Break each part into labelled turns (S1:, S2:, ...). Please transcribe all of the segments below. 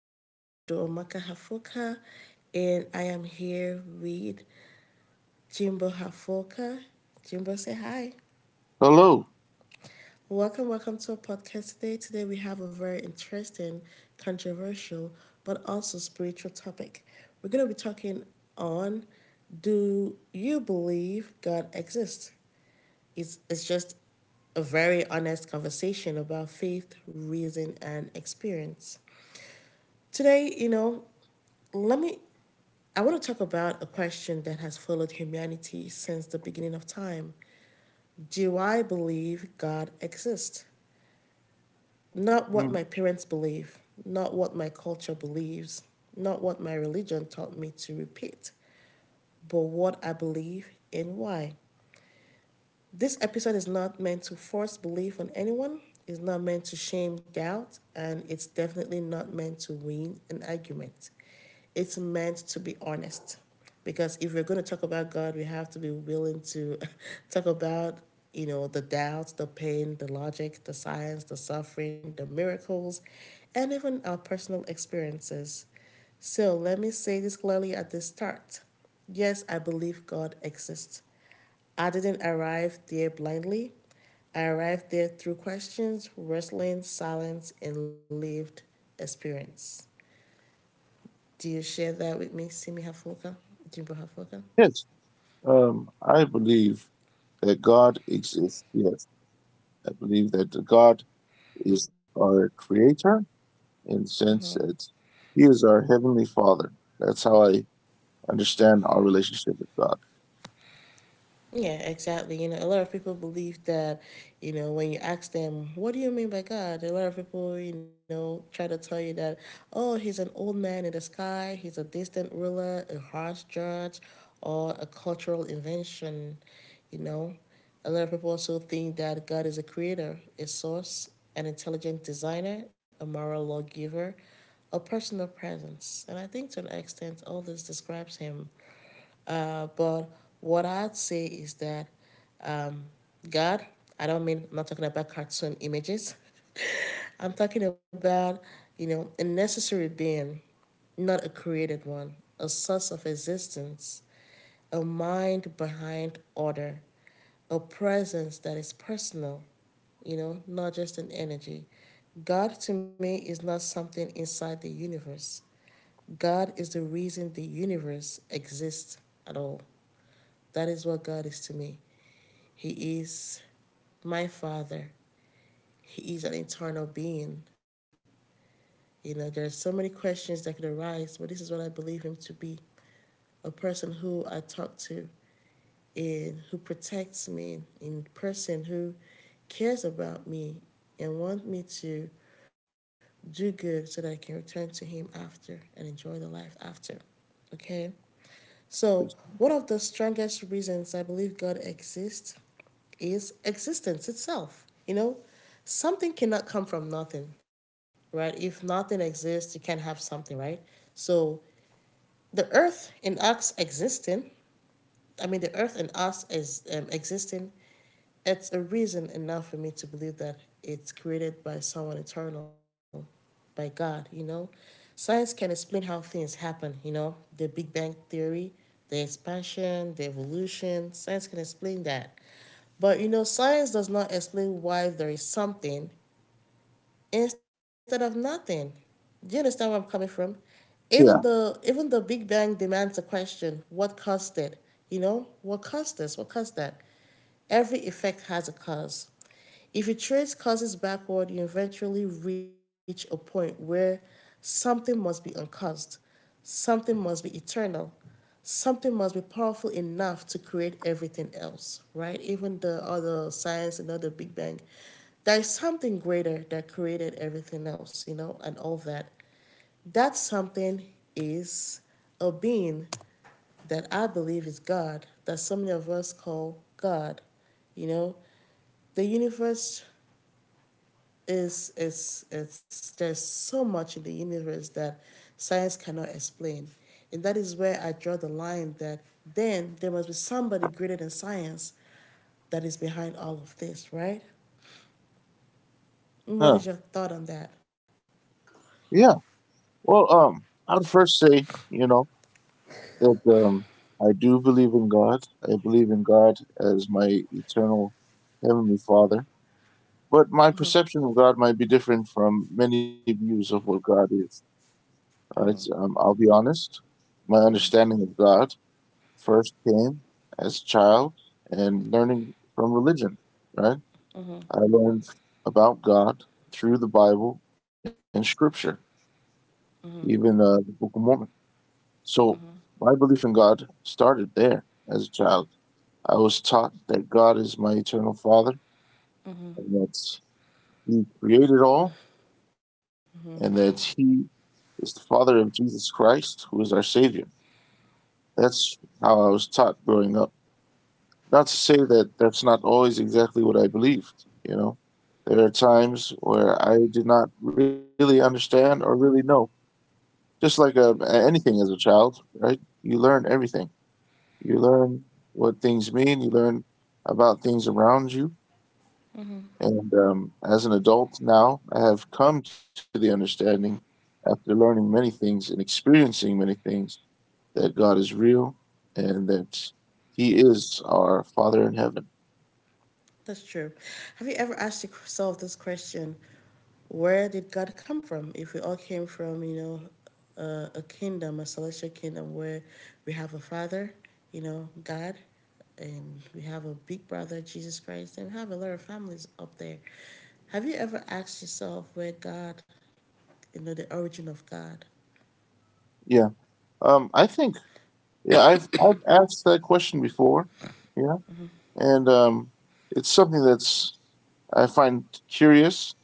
S1: is Udoomaka Hafoka, and I am here with Jimbo Hafoka. Jimbo, say hi.
S2: Hello.
S1: Welcome, welcome to our podcast today. Today, we have a very interesting, controversial, but also spiritual topic. We're going to be talking on, do you believe God exists? It's just a very honest conversation about faith, reason, and experience. Today, let me I want to talk about a question that has followed humanity since the beginning of time. Do I believe God exists? Not what
S2: Mm.
S1: my parents believe, not what my culture believes, not what my religion taught me to repeat, but what I believe and why. This episode is not meant to force belief on anyone, it's not meant to shame doubt, and it's definitely not meant to win an argument. It's meant to be honest. Because if we're going to talk about God, we have to be willing to talk about, the doubts, the pain, the logic, the science, the suffering, the miracles, and even our personal experiences. So let me say this clearly at the start. Yes, I believe God exists. I didn't arrive there blindly. I arrived there through questions, wrestling, silence, and lived experience. Do you share that with me, Simi Hafuka, Jimbo Hafuka?
S2: Yes, I believe that God exists. Yes, I believe that the God is our creator in the sense that He is our heavenly Father. That's how I understand our relationship with God.
S1: Yeah, exactly. You know, a lot of people believe that, when you ask them, what do you mean by God? A lot of people, try to tell you that, oh, he's an old man in the sky, he's a distant ruler, a harsh judge, or a cultural invention, you know. A lot of people also think that God is a creator, a source, an intelligent designer, a moral lawgiver, a personal presence. And I think to an extent, all this describes him. But what I'd say is that um, God. I don't mean, I'm not talking about cartoon images. I'm talking about, you know, a necessary being, not a created one, a source of existence, a mind behind order, a presence that is personal, you know, not just an energy. God to me is not something inside the universe. God is the reason the universe exists at all. That is what God is to me. He is my Father. He is an eternal being. You know, there's so many questions that could arise, but this is what I believe him to be: a person who I talk to and who protects me, and a person who cares about me and wants me to do good so that I can return to him after and enjoy the life after. Okay? So, one of the strongest reasons I believe God exists is existence itself. You know, something cannot come from nothing, right? If nothing exists, you can't have something, right? So the earth and us existing, I mean, the earth and us is existing, it's a reason enough for me to believe that it's created by someone eternal, by God, you know? Science can explain how things happen, you know? The Big Bang Theory, the expansion, the evolution, science can explain that. But you know, science does not explain why there is something instead of nothing. Do you understand where I'm coming from? Even
S2: Yeah.
S1: the even the Big Bang demands a question: what caused it? You know, what caused this? What caused that? Every effect has a cause. If you trace causes backward, you eventually reach a point where something must be uncaused, something must be eternal, something must be powerful enough to create everything else, right? Even the other science and other Big Bang. There is something greater that created everything else, you know, and all that. That something is a being that I believe is God, that so many of us call God. You know, the universe is, there's so much in the universe that science cannot explain. And that is where I draw the line, that then there must be somebody greater than science that is behind all of this, right? And what is your
S2: Huh?
S1: thought on that?
S2: Yeah. Well, I'd first say, that I do believe in God. I believe in God as my eternal heavenly Father. But my perception of God might be different from many views of what God is. Right? I'll be honest. My understanding of God first came as a child and learning from religion. Right?
S1: Mm-hmm,
S2: I learned about God through the Bible and Scripture,
S1: mm-hmm,
S2: even the Book of Mormon. So
S1: mm-hmm,
S2: my belief in God started there as a child. I was taught that God is my eternal Father
S1: mm-hmm,
S2: and that He created all
S1: mm-hmm.
S2: and that He is the Father of Jesus Christ, who is our Savior. That's how I was taught growing up. Not to say that that's not always exactly what I believed. There are times where I did not really understand or really know. Just like anything as a child, right? You learn everything. You learn what things mean, you learn about things around you. And as an adult now, I have come to the understanding after learning many things and experiencing many things that God is real and that He is our Father in heaven.
S1: That's true. Have you ever asked yourself this question? Where did God come from? If we all came from, you know, a kingdom, a celestial kingdom where we have a father, you know, God, and we have a big brother, Jesus Christ, and we have a lot of families up there. Have you ever asked yourself where God, you know, the origin of God?
S2: Yeah. I think, yeah, I've asked that question before. Yeah, and it's something that's I find curious,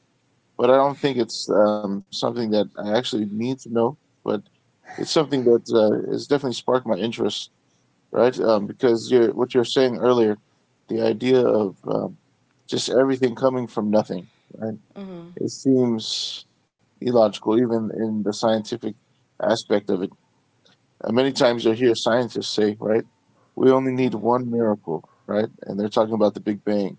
S2: but I don't think it's something that I actually need to know. But it's something that has definitely sparked my interest, right? Because you're what you're saying earlier, the idea of just everything coming from nothing, right?
S1: Mm-hmm.
S2: It seems illogical, even in the scientific aspect of it. And many times you'll hear scientists say, right, we only
S1: Mm-hmm.
S2: need one miracle, right? And they're talking about the Big Bang.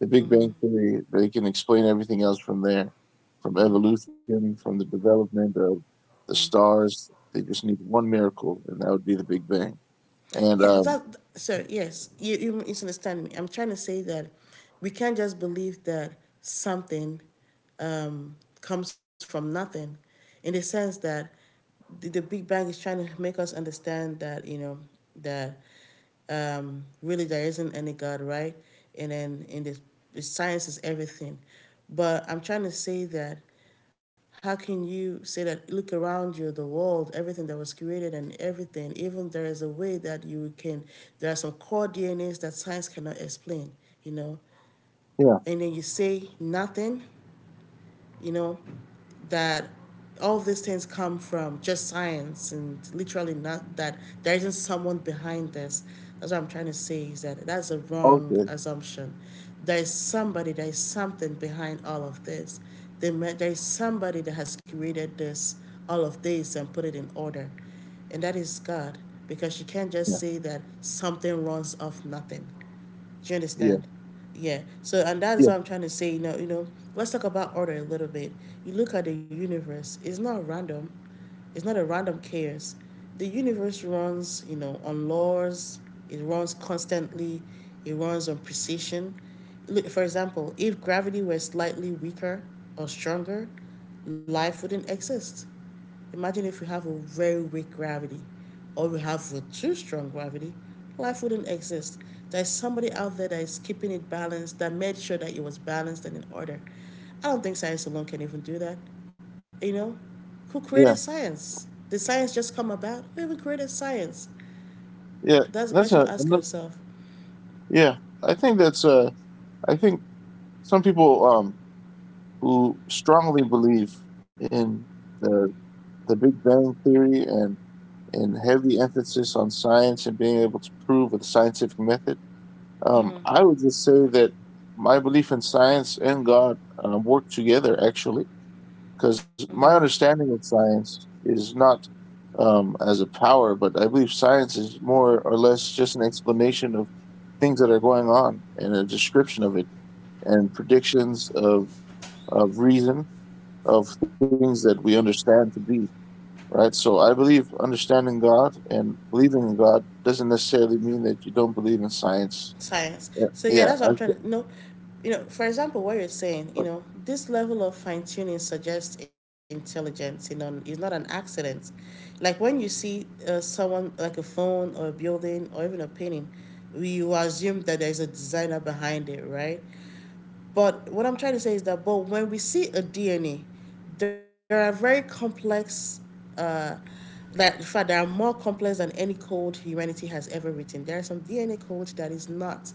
S2: The Big
S1: Mm-hmm.
S2: Bang Theory, they can explain everything else from there, from
S1: Mm-hmm.
S2: evolution, from the development of the stars. They just need one miracle, and that would be the Big Bang.
S1: Yeah,
S2: And
S1: that. So yes, you misunderstand me. I'm trying to say that we can't just believe that something comes from nothing, in the sense that the Big Bang is trying to make us understand that, you know, that really there isn't any God, right? And then in this, science is everything. But I'm trying to say that, how can you say that, look around you, the world, everything that was created and everything, even there is a way that you can, there are some core dnas that science cannot explain, you know,
S2: yeah,
S1: and then you say nothing, you know, that all these things come from just science and literally not that there isn't someone behind this. That's what I'm trying to say, is that that's a wrong
S2: okay,
S1: assumption. There is somebody, there is something behind all of this. There is somebody that has created this, all of this, and put it in order, and that is God, because you can't just
S2: yeah,
S1: say that something runs off nothing. Do you
S2: yeah,
S1: understand? Yeah. So and that's what
S2: yeah,
S1: I'm trying to say. Let's talk about order a little bit. You look at the universe. It's not random. It's not a random chaos. The universe runs, you know, on laws. It runs constantly. It runs on precision. Look, for example, if gravity were slightly weaker or stronger, life wouldn't exist. Imagine if we have a very weak gravity or we have a too strong gravity, life wouldn't exist. There's somebody out there that is keeping it balanced, that made sure that it was balanced and in order. I don't think science alone can even do that. You know, who created
S2: yeah,
S1: science? Did science just come about? Who even created science?
S2: yeah.
S1: That's a
S2: That's
S1: question
S2: a
S1: to ask
S2: another-
S1: yourself.
S2: yeah. I think that's I think some people who strongly believe in the the Big Bang Theory and, heavy emphasis on science and being able to prove with a scientific method.
S1: Mm-hmm,
S2: I would just say that my belief in science and God work together, actually, because
S1: mm-hmm.
S2: my understanding of science is not as a power, but I believe science is more or less just an explanation of things that are going on and a description of it and predictions of, reason of things that we understand to be. Right? So I believe understanding God and believing in God doesn't necessarily mean that you don't believe in science.
S1: Science.
S2: Yeah,
S1: So yeah,
S2: yeah,
S1: that's what I'm trying to, you know. You know, for example, what you're saying, you know, this level of fine tuning suggests intelligence. You know, it's not an accident. Like when you see someone like a phone or a building or even a painting, we assume that there's a designer behind it, right? But what I'm trying to say is that, but when we see a DNA, there are very complex, uh, that in fact, there are more complex than any code humanity has ever written. There are some DNA codes that is not,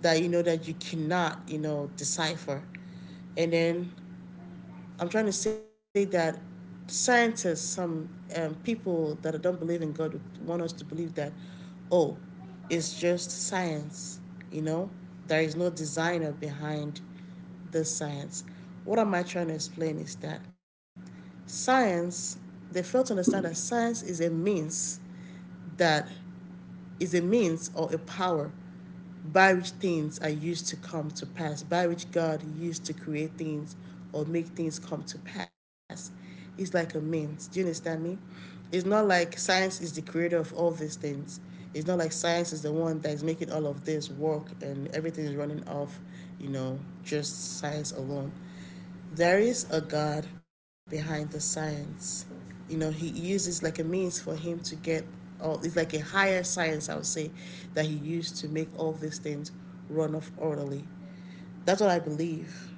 S1: that you know, that you cannot, you know, decipher. And then I'm trying to say that scientists, some people that don't believe in God would want us to believe that, oh, it's just science, you know? There is no designer behind this science. What am I trying to explain is that science, they fail to understand that science is a means, that is a means or a power by which things are used to come to pass, by which God used to create things or make things come to pass. It's like a means. Do you understand me? It's not like science is the creator of all these things. It's not like science is the one that is making all of this work and everything is running off, you know, just science alone, there is a God behind the science. You know, he uses like a means for him to get all, it's like a higher science, I would say, that he used to make all these things run off orderly. That's what I believe.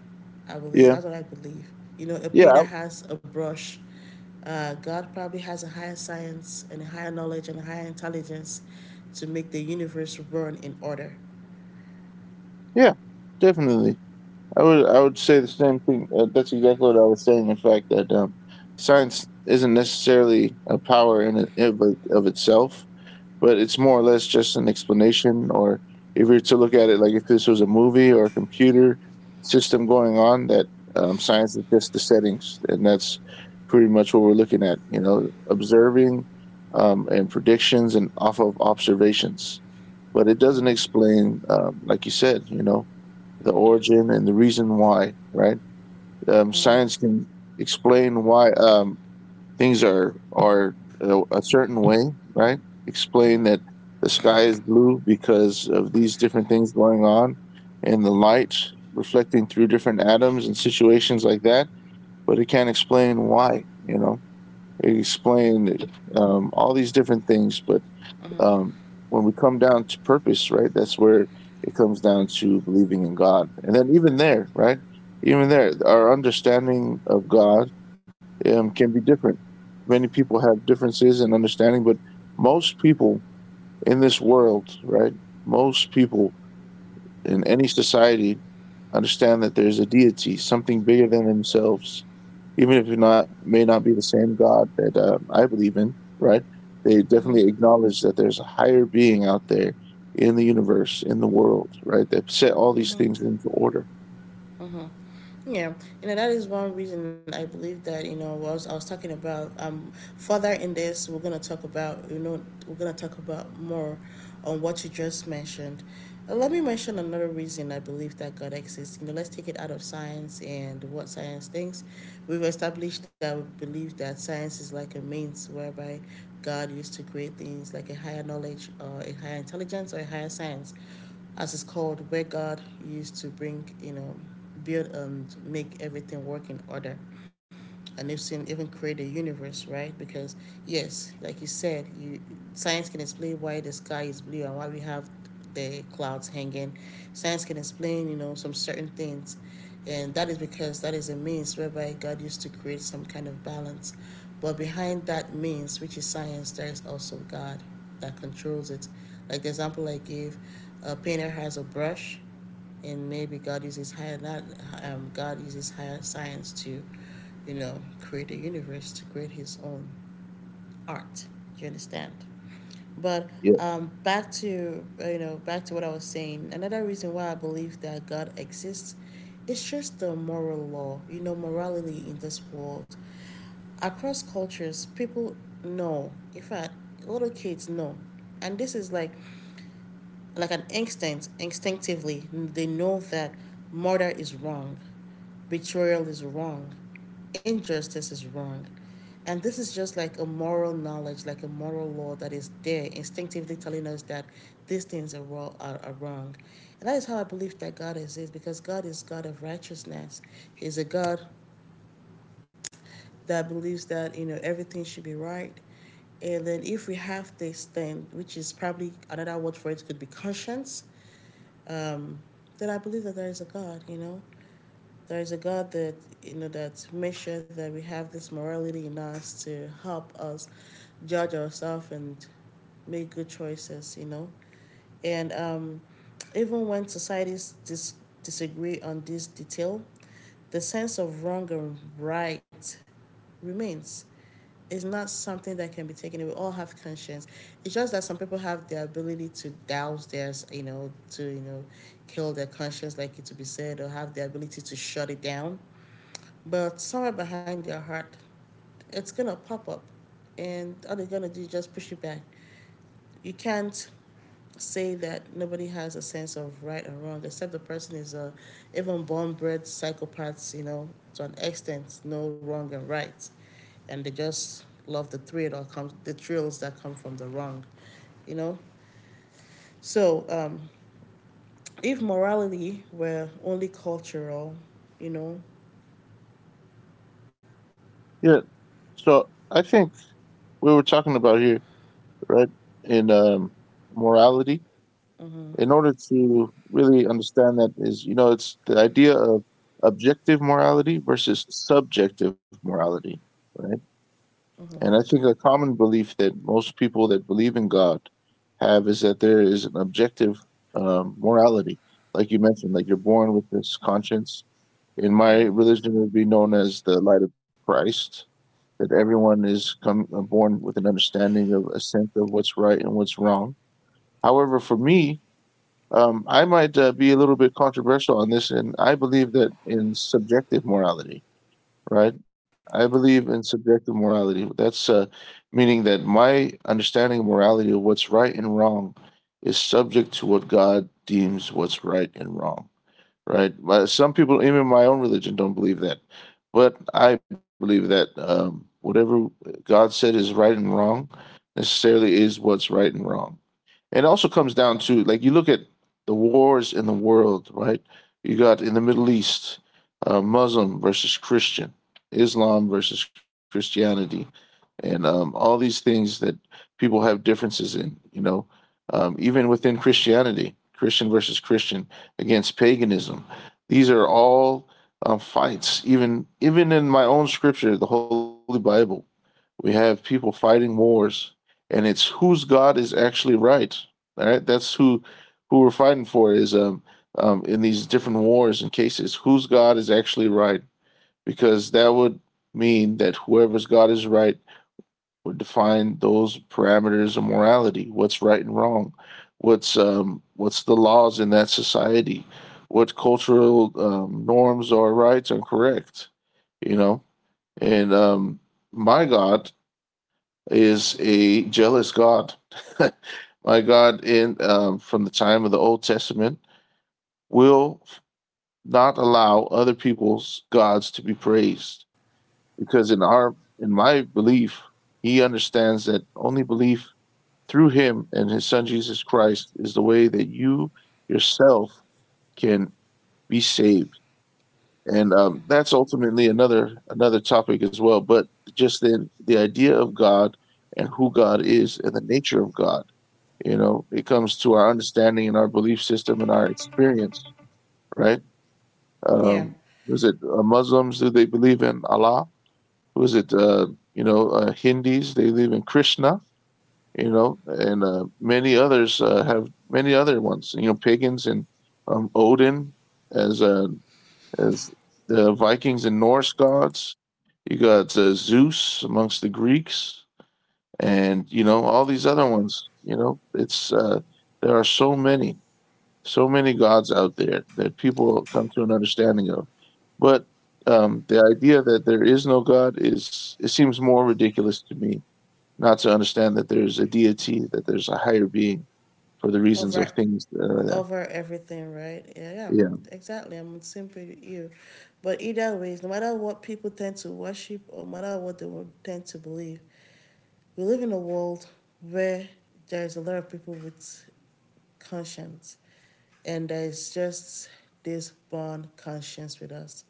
S1: I believe
S2: yeah,
S1: that's what I believe. You know, a
S2: yeah,
S1: painter has a brush. God probably has a higher science and a higher knowledge and a higher intelligence to make the universe run in order.
S2: yeah, definitely. I would say the same thing. That's exactly what I was saying. In fact, that science isn't necessarily a power in it, of, of itself. But it's more or less just an explanation. Or if you're to look at it like if this was a movie or a computer system going on, that science is just the settings, and that's pretty much what we're looking at. You know, observing and predictions and off of observations, but it doesn't explain, like you said, you know, the origin and the reason why. Right?
S1: Mm, mhm,
S2: Science can explain why things are a, certain way, right? Explain
S1: mhm,
S2: that the sky is blue because of these different things going on, and the light reflecting through different atoms and situations like that. But it can't explain why. It explain all these different things, but
S1: mhm,
S2: um, when we come down to purpose, right? That's where it comes down to believing in God, and then even there, right? Even there, our understanding of God can be different. Many people have differences in understanding, but most people in this world, right? Most people in any society understand that there's a deity, something bigger than themselves, even if it not may not be the same God that I believe in, right? They
S1: mhm,
S2: definitely acknowledge that there's a higher being out there in the universe, in the world, right? That set all these
S1: mhm.
S2: things into order.
S1: Mm-hmm. Yeah, you know, that is one reason I believe that, you know, was I was talking about further in this, we're gonna talk about, you know, we're gonna talk about more on what you just mentioned. Let me mention another reason I believe that God exists. You know, let's take it out of science and what science thinks. We've established that we believe that science is like a means whereby God used to create things like a higher knowledge or a higher intelligence or a higher science, as it's called, where God used to bring build to make everything work in order. And they've seen even create a universe, right? Because yes, like you said you science can explain why the sky is blue and why we have the clouds hanging. Science can explain, some certain things, and that is because that is a means whereby God used to create some kind of balance. But behind that means, which is science, there is also God that controls it. Like the example I gave, a painter has a brush, and maybe God uses higher science to, create a universe, to create His own art. Do you understand? But
S2: Yeah,
S1: back to what I was saying. Another reason why I believe that God exists is just the moral law. Morality in this world. Across cultures, people know. In fact, little kids know, and this is like an instinct, instinctively, they know that murder is wrong, betrayal is wrong, injustice is wrong. And this is just like a moral knowledge, like a moral law that is there, instinctively telling us that these things are wrong. And that is how I believe that God exists, because God is God of righteousness. He's a God that believes that everything should be right. And then if we have this thing, which is probably another word for it, could be conscience, um, that I believe that there is a God. There is a God that makes sure that we have this morality in us to help us judge ourselves and make good choices. And even when societies disagree on this detail, the sense of wrong and right remains. It's not something that can be taken. We all have conscience. It's just that some people have the ability to douse theirs, to kill their conscience, like it to be said, or have the ability to shut it down. But somewhere behind their heart, it's gonna pop up, and all they're gonna do is just push it back. You can't say that nobody has a sense of right and wrong, except the person is a even born bred psychopath. To an extent, no wrong and right, and they just love the thrills that come from the wrong, you know. So if morality were only cultural, you know,
S2: yeah. So I think we were talking about here, right? In morality, in order to really understand that is, you know, it's the idea of objective morality versus subjective morality, right? And I think a common belief that most people that believe in God have is that there is an objective morality, like you mentioned, like you're born with this conscience. In my religion, it would be known as the light of Christ. That everyone is come born with an understanding of a sense of what's right and what's wrong. However, for me, I might be a little bit controversial on this, and I believe that in subjective morality, right? I believe in subjective morality. That's meaning that my understanding of morality of what's right and wrong is subject to what God deems what's right and wrong, right? But some people, even in my own religion, don't believe that, but I believe that whatever God said is right and wrong necessarily is what's right and wrong. And it also comes down to, like, you look at the wars in the world, right? You got in the Middle East, Muslim versus Christian, Islam versus Christianity, and all these things that people have differences in. You know, even within Christianity, Christian versus Christian against paganism. These are all fights. Even in my own scripture, the Holy Bible, we have people fighting wars, and it's whose God is actually right. All right, that's who we're fighting for is in these different wars and cases. Whose God is actually right? Because that would mean that whoever's God is right would define those parameters of morality. What's right and wrong? What's the laws in that society? What cultural norms or rights are correct? You know, and my God is a jealous God. My God, in from the time of the Old Testament, will not allow other people's gods to be praised because in my belief, He understands that only belief through Him and His Son Jesus Christ is the way that you yourself can be saved, and that's ultimately another topic as well. But just then, the idea of God and who God is and the nature of God, you know, it comes to our understanding and our belief system and our experience, right?
S1: yeah,
S2: um was it Muslims, do they believe in Allah? Who is it, you know, Hindis, they believe in Krishna, you know, and many others have many other ones, you know, pagans and Odin as uh as the Vikings and Norse gods, you got Zeus amongst the Greeks, and you know, all these other ones, you know, it's there are so many gods out there that people come to an understanding of. But the idea that there is no God, is, it seems more ridiculous to me not to understand that there's a deity, that there's a higher being for the reasons of
S1: over
S2: things.
S1: over everything, right? Yeah, yeah,
S2: Yeah,
S1: exactly. I'm in simple with you, but either ways, no matter what people tend to worship or no matter what they tend to believe, we live in a world where there is a lot of people with conscience, and there is just this born conscience with us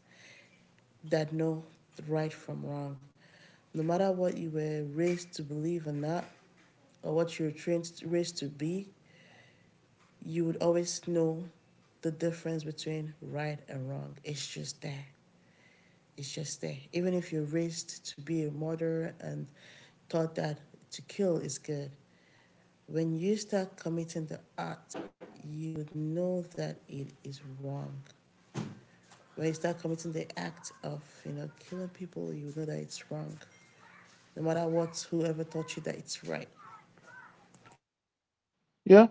S1: that know right from wrong. No matter what you were raised to believe or not, or what you were trained, raised to be, you would always know the difference between right and wrong. It's just there. It's just there. Even if you're raised to be a murderer and taught that to kill is good, when you start committing the act, you would know that it is wrong. When you start committing the act of killing people, you know that it's wrong, no matter what whoever taught you that it's right.
S2: yeah,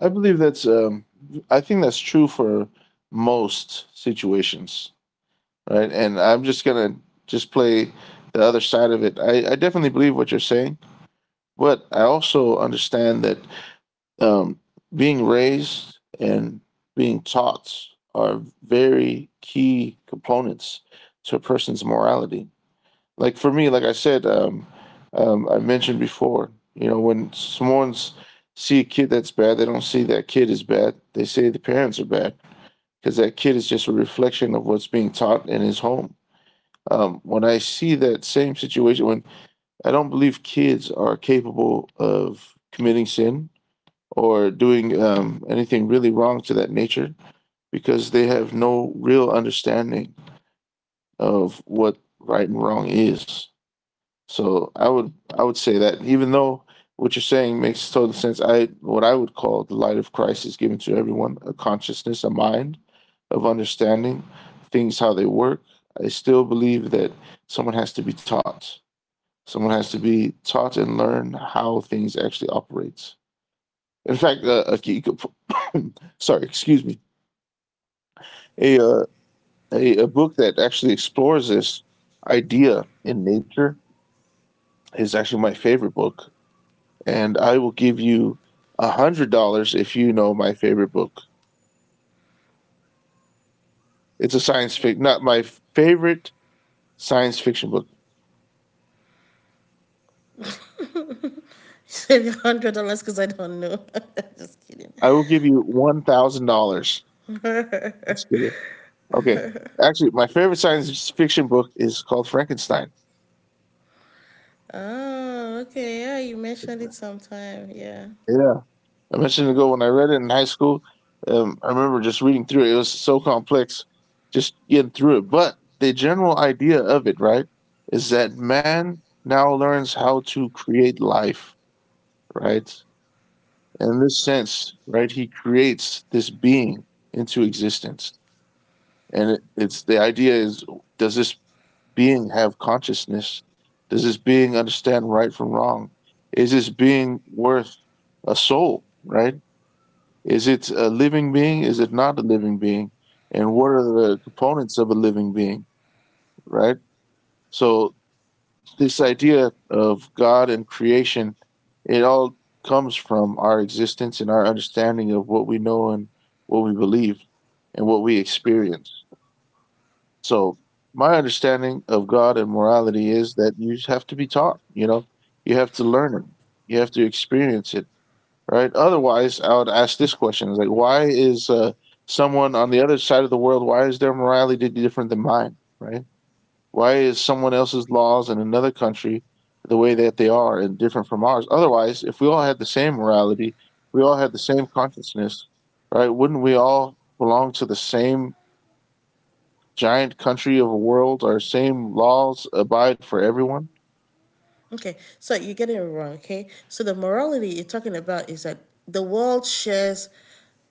S2: I believe that's. I think that's true for most situations, right? And I'm just gonna just play the other side of it. I definitely believe what you're saying, but I also understand that um, being raised and being taught are very key components to a person's morality. Like for me, like I said, I mentioned before, you know, when someone's see a kid that's bad, they don't see that kid is bad. They say the parents are bad because that kid is just a reflection of what's being taught in his home. When I see that same situation, when I don't believe kids are capable of committing sin, or doing anything really wrong to that nature because they have no real understanding of what right and wrong is. So I would say that even though what you're saying makes total sense, I what I would call the light of Christ is given to everyone, a consciousness, a mind of understanding things how they work. I still believe that someone has to be taught. Someone has to be taught and learn how things actually operate. In fact, okay, you could, sorry, excuse me, a, uh, a book that actually explores this idea in nature is actually my favorite book, and I will give you $100 if you know my favorite book. It's a science fic, not my favorite science fiction book.
S1: Save your $100 because I don't know. Just kidding.
S2: I will give you $1,000. Just kidding. Okay, actually, my favorite science fiction book is called Frankenstein.
S1: Oh, okay. Yeah, you mentioned it sometime. Yeah.
S2: It I mentioned ago when I read it in high school. I remember just reading through it. It was so complex, just getting through it. But the general idea of it, right, is that man now learns how to create life, right? In this sense, right, he creates this being into existence. And it's the idea is, does this being have consciousness? Does this being understand right from wrong? Is this being worth a soul, right? Is it a living being? Is it not a living being? And what are the components of a living being, right? So, this idea of God and creation, it all comes from our existence and our understanding of what we know and what we believe and what we experience. So, my understanding of God and morality is that you have to be taught, you know, you have to learn it, you have to experience it, right? Otherwise, I would ask this question: is like, why is someone on the other side of the world? Why is their morality different than mine, right? Why is someone else's laws in another country the way that they are and different from ours? Otherwise, if we all had the same morality, we all had the same consciousness, right? Wouldn't we all belong to the same giant country of a world, our same laws abide for everyone?
S1: Okay, so you're getting it wrong. Okay, so the morality you're talking about is that the world shares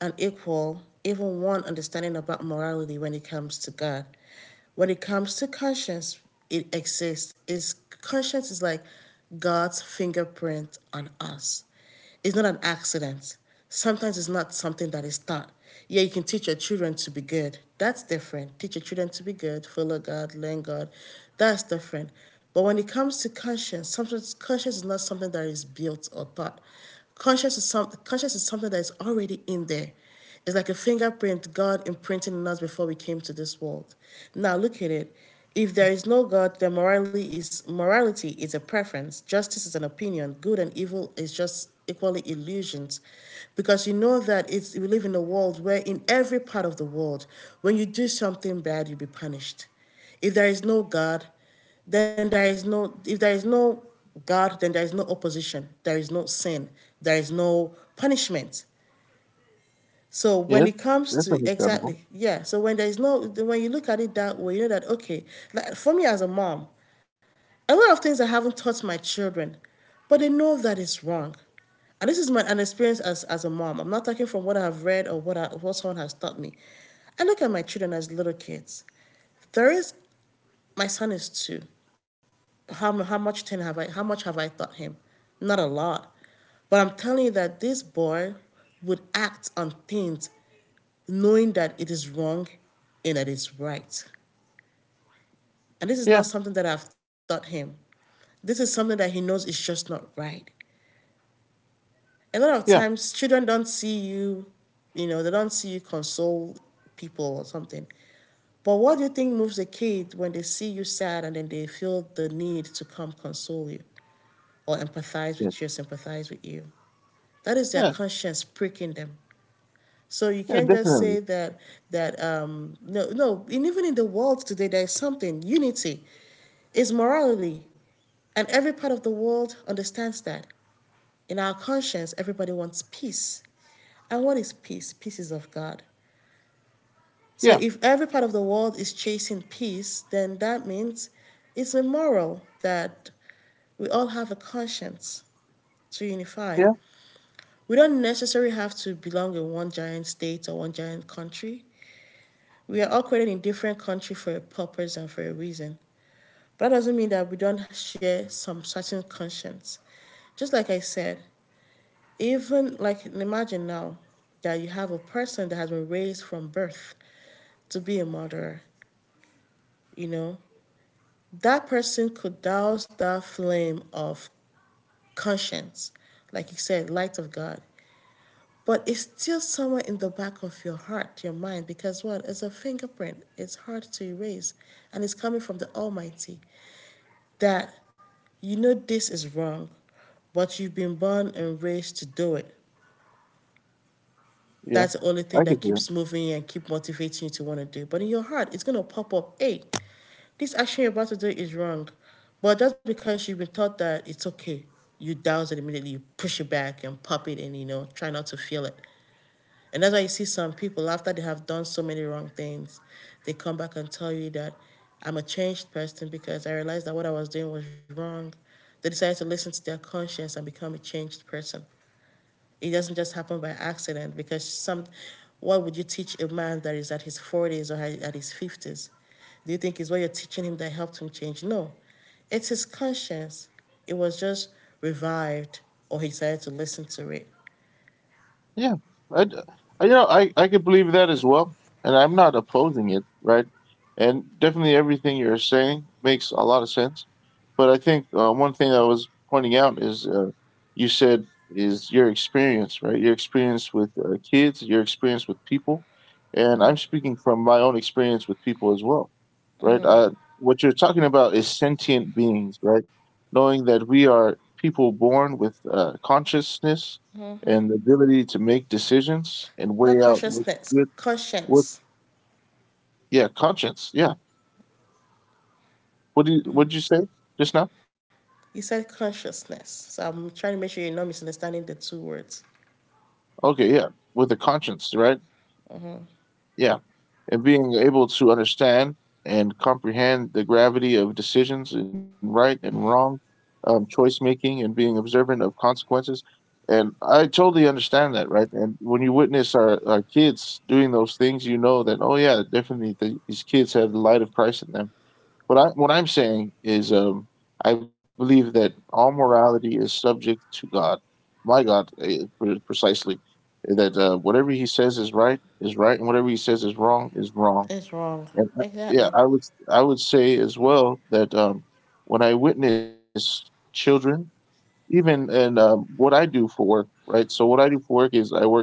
S1: an equal, even one understanding about morality when it comes to God. When it comes to conscience, it exists. It's conscience is like God's fingerprint on us. It's not an accident. Sometimes it's not something that is taught. Yeah, you can teach your children to be good. That's different. Teach your children to be good, follow God, learn God. That's different. But when it comes to conscience, sometimes conscience is not something that is built or taught. Conscience is something that is already in there. It's like a fingerprint God imprinted in us before we came to this world. Now look at it. If there is no God, then morality is a preference, justice is an opinion, good and evil is just equally illusions. Because you know that it's we live in a world where in every part of the world, when you do something bad, you'll be punished. If there is no God, then there is no if there is no God, then there is no opposition, there is no sin, there is no punishment. So when
S2: Yeah,
S1: it comes
S2: that's
S1: to
S2: understandable.
S1: exactly, yeah. So when there's no, when you look at it that way, you know that, okay. Like for me as a mom, a lot of things I haven't taught my children, but they know that it's wrong. And this is my an experience as a mom. I'm not talking from what I've read or what someone has taught me. I look at my children as little kids. There is my son is two. How much ten have I? How much have I taught him? Not a lot. But I'm telling you that this boy would act on things knowing that it is wrong and that it's right. And this is not
S2: Yeah,
S1: something that I've taught him. This is something that he knows is just not right. A lot of
S2: yeah,
S1: times, children don't see you, they don't see you console people or something. But what do you think moves a kid when they see you sad and then they feel the need to come console you, or empathize
S2: yeah,
S1: with you, sympathize with you? That is their
S2: yeah,
S1: conscience pricking them. So you
S2: yeah,
S1: can't just say
S2: definitely.
S1: that no, no. And even in the world today, there is something, unity is morality, and every part of the world understands that. In our conscience, everybody wants peace. And what is peace? Peace is of God. So
S2: Yeah,
S1: if every part of the world is chasing peace, then that means it's immoral that we all have a conscience to unify.
S2: yeah,
S1: We don't necessarily have to belong in one giant state or one giant country. We are all created in different countries for a purpose and for a reason. But that doesn't mean that we don't share some certain conscience. Just like I said, even like, imagine now that you have a person that has been raised from birth to be a murderer, you know, that person could douse that flame of conscience, like you said, light of God. But it's still somewhere in the back of your heart, your mind, because what? It's a fingerprint. It's hard to erase. And it's coming from the Almighty that you know this is wrong, but you've been born and raised to do it.
S2: yeah.
S1: That's the only thing
S2: I
S1: that
S2: could see that.
S1: keeps moving and keep motivating you to want to do. But in your heart, it's gonna pop up. Hey, this action you're about to do is wrong. But just because you've been taught that it's okay, you douse it immediately. You push it back and pop it, and try not to feel it. And that's why you see some people, after they have done so many wrong things, they come back and tell you that I'm a changed person, because I realized that what I was doing was wrong. They decided to listen to their conscience and become a changed person. It doesn't just happen by accident, because some, what would you teach a man that is at his 40s or at his 50s? Do you think it's what you're teaching him that helped him change? No, it's his conscience. It was just revived, or he decided to listen to it.
S2: Yeah, I, d- you know, I could believe that as well, and I'm not opposing it, right? And definitely everything you're saying makes a lot of sense. But I think one thing I was pointing out is you said is your experience, right? Your experience with kids, your experience with people, and I'm speaking from my own experience with people as well, right? What you're talking about is sentient beings, right? Knowing that we are people born with consciousness and the ability to make decisions and
S1: Not
S2: weigh out what
S1: consciousness,
S2: good, what,
S1: conscience.
S2: yeah, conscience, yeah. What do you, what did you say just now?
S1: You said consciousness, so I'm trying to make sure you're not misunderstanding the two words.
S2: Okay, yeah, with a conscience, right?
S1: Mm-hmm.
S2: Yeah, and being able to understand and comprehend the gravity of decisions and right and wrong. Choice making and being observant of consequences, and I totally understand that, right? And when you witness our kids doing those things, you know that, oh yeah, definitely, these kids have the light of Christ in them. What I what I'm saying is, I believe that all morality is subject to God, my God, precisely. That whatever He says is right, and whatever He says is wrong is wrong.
S1: It's wrong.
S2: And yeah,
S1: Exactly.
S2: I would, I would say as well that, when I witness children, even. And what I do for work, right? So what I do for work is I work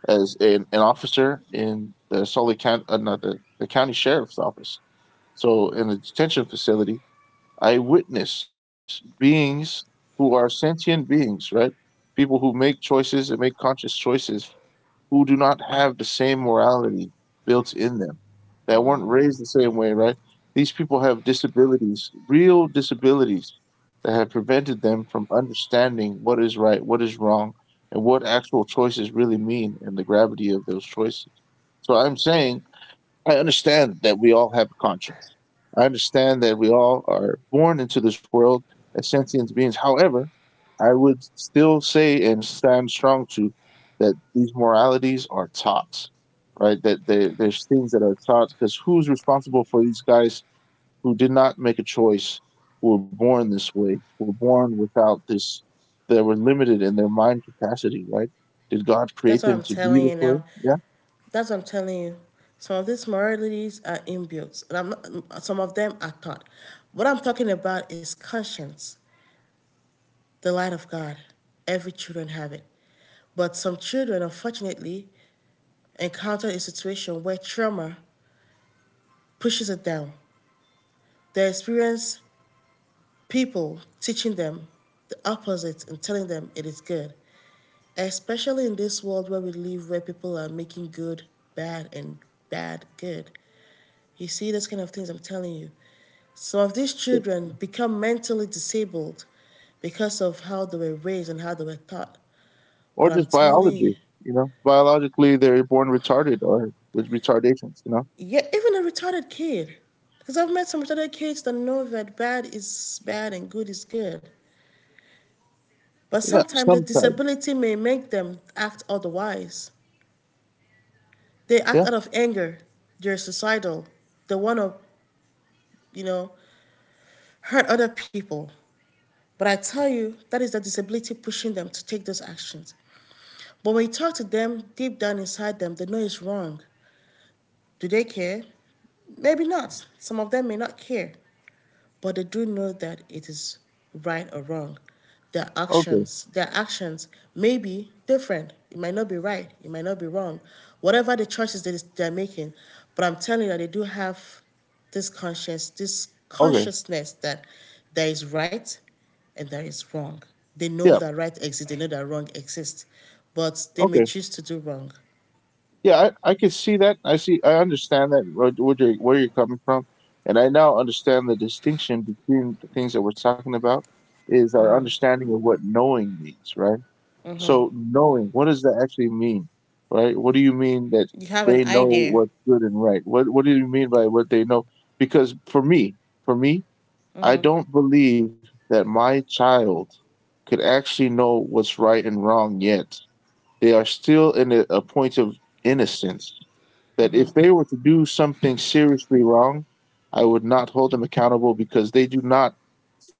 S2: as an officer in the Sully County, not the county sheriff's office. So in the detention facility, I witness beings who are sentient beings, right? People who make choices and make conscious choices who do not have the same morality built in them, that weren't raised the same way, right? These people have disabilities, real disabilities that have prevented them from understanding what is right, what is wrong, and what actual choices really mean and the gravity of those choices. So I'm saying, I understand that we all have a conscience. I understand that we all are born into this world as sentient beings. However, I would still say and stand strong to that these moralities are taught, right? That there's things that are taught because who's responsible for these guys who did not make a choice, who were born this way, who were born without this, they were limited in their mind capacity, right? Did God
S1: That's what
S2: create
S1: I'm
S2: them to
S1: telling
S2: be
S1: you
S2: this
S1: now.
S2: way? Yeah,
S1: That's what I'm telling you. Some of these moralities are inbuilt, and I'm not, some of them are taught. What I'm talking about is conscience, the light of God. Every children have it, but some children, unfortunately, encounter a situation where trauma pushes it down. They experience people teaching them the opposite and telling them it is good, especially in this world where we live, where people are making good bad and bad good. You see, those kind of things I'm telling you. Some of these children become mentally disabled because of how they were raised and how they were taught.
S2: or
S1: But I'm
S2: just
S1: telling you,
S2: biology. You know, biologically they're born retarded or with retardations. You know,
S1: yeah, even a retarded kid, because I've met some retarded kids that know that bad is bad and good is good. But
S2: yeah,
S1: sometimes the
S2: sometimes.
S1: disability may make them act otherwise. They act
S2: Yeah,
S1: out of anger. They're suicidal. They want to, you know, hurt other people. But I tell you, that is the disability pushing them to take those actions. But when you talk to them, deep down inside them, they know it's wrong. Do they care? Maybe not. Some of them may not care, but they do know that it is right or wrong. Their
S2: okay,
S1: actions, their actions may be different. It might not be right. It might not be wrong. Whatever the choices that is- They're making, but I'm telling you that they do have this conscious, this
S2: okay,
S1: consciousness that there is right and there is wrong. They know
S2: yeah,
S1: that right exists. They know that wrong exists, but they may
S2: okay,
S1: choose to do wrong.
S2: yeah. I can see that. I see. I understand that. What you're, where you're coming from, and I now understand the distinction between the things that we're talking about is our understanding of what knowing means, right? So knowing, what does that actually mean, right? What do you mean that
S1: You have
S2: they
S1: an
S2: know
S1: idea.
S2: what's good and right? What do you mean by what they know? Because for me, I don't believe that my child could actually know what's right and wrong yet. They are still in a point of innocence that if they were to do something seriously wrong, I would not hold them accountable because they do not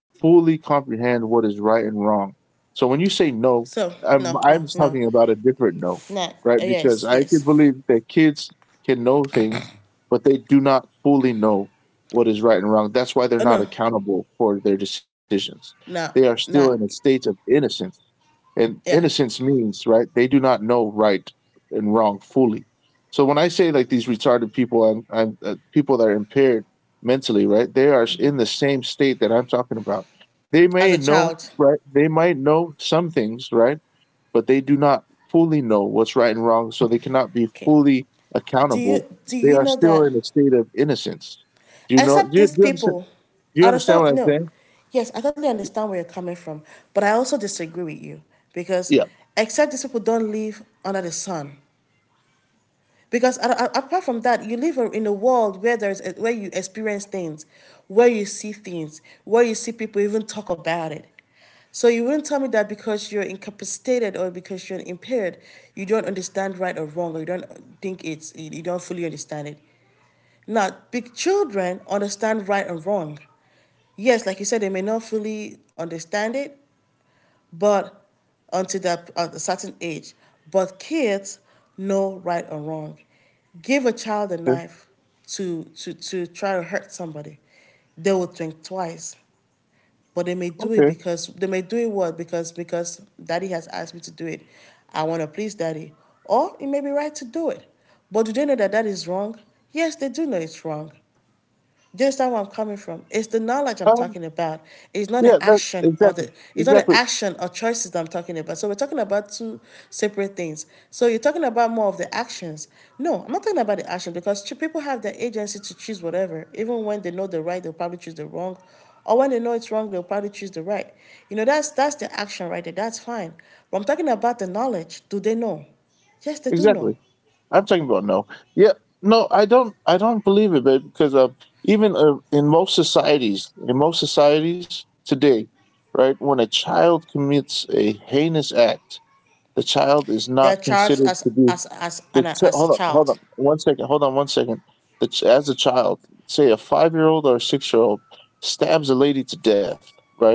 S2: fully comprehend what is right and wrong. So when you say no,
S1: So no, no,
S2: I'm just
S1: no.
S2: talking about a different no,
S1: Nah.
S2: right? Because
S1: Yes.
S2: I can
S1: Yes.
S2: believe that kids can know things, but they do not fully know what is right and wrong. That's why they're
S1: Oh
S2: not
S1: no.
S2: accountable for their decisions.
S1: Nah.
S2: They are
S1: Nah.
S2: still in a state of innocence, and
S1: Yeah.
S2: innocence means, right, they do not know right and wrong fully. So when I say like these retarded people, I'm people that are impaired mentally, right? They are in the same state that I'm talking about. They
S1: As a
S2: may know,
S1: child.
S2: right? They might know some things, right? But they do not fully know what's right and wrong, so they cannot be
S1: Okay.
S2: fully
S1: Do you
S2: accountable.
S1: do
S2: They
S1: you
S2: are
S1: know
S2: still
S1: that?
S2: in a state of innocence. Do you know?
S1: Except
S2: Do
S1: these
S2: you understand?
S1: people,
S2: Do you
S1: I
S2: understand
S1: understand.
S2: what I'm
S1: No.
S2: saying?
S1: Yes, I totally understand where you're coming from, but I also disagree with you because
S2: Yeah.
S1: except these people don't live under the sun. Because apart from that, you live in a world where there's where you experience things, where you see things, where you see people even talk about it. So you wouldn't tell me that because you're incapacitated or because you're impaired, you don't understand right or wrong, or you don't fully understand it. Now, big children understand right and wrong. Yes, like you said, they may not fully understand it, but until that at a certain age. But kids know right and wrong. Give a child a
S2: Okay.
S1: knife to try to hurt somebody, they will think twice. But they may do it
S2: Okay.
S1: because they may do it what because daddy has asked me to do it, I want to please daddy, or it may be right to do it. But do they know that that is wrong? Yes, they do know it's wrong. Do you understand where I'm coming from? It's the knowledge I'm
S2: Um,
S1: talking about. It's not
S2: yeah.
S1: the
S2: That,
S1: action or
S2: exactly.
S1: the it's not the
S2: Exactly.
S1: action or choices that I'm talking about. So we're talking about two separate things. So you're talking about more of the actions. No, I'm not talking about the action because people have the agency to choose whatever. Even when they know the right, they'll probably choose the wrong. Or when they know it's wrong, they'll probably choose the right. You know, that's the action right there. That's fine. But I'm talking about the knowledge. Do they know? Yes, they do
S2: Exactly.
S1: know.
S2: I'm talking about no. Yeah, no, I don't. I don't believe it, babe. Because even in most societies today, right, when a child commits a heinous act, the child is
S1: They are
S2: not
S1: charged
S2: considered to be
S1: as
S2: the.
S1: an as a
S2: Hold on, hold
S1: child.
S2: on, one second. Hold on, one second. As a child, say a five-year-old or a six-year-old stabs a lady to death, right?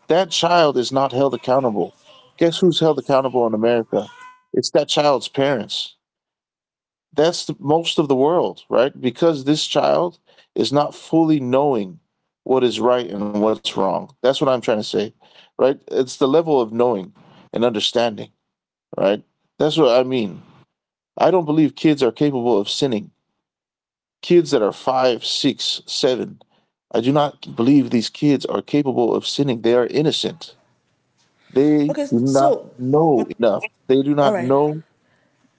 S2: That child is not held accountable. Guess who's held accountable in America? It's that child's parents. That's most of the world, right? Because this child is not fully knowing what is right and what's wrong. That's what I'm trying to say, right? It's the level of knowing and understanding, right? That's what I mean. I don't believe kids are capable of sinning. Kids that are five, six, seven, I do not believe these kids are capable of sinning. They are innocent. They
S1: Okay,
S2: do not
S1: so what?
S2: know enough. They do
S1: All
S2: not
S1: right.
S2: know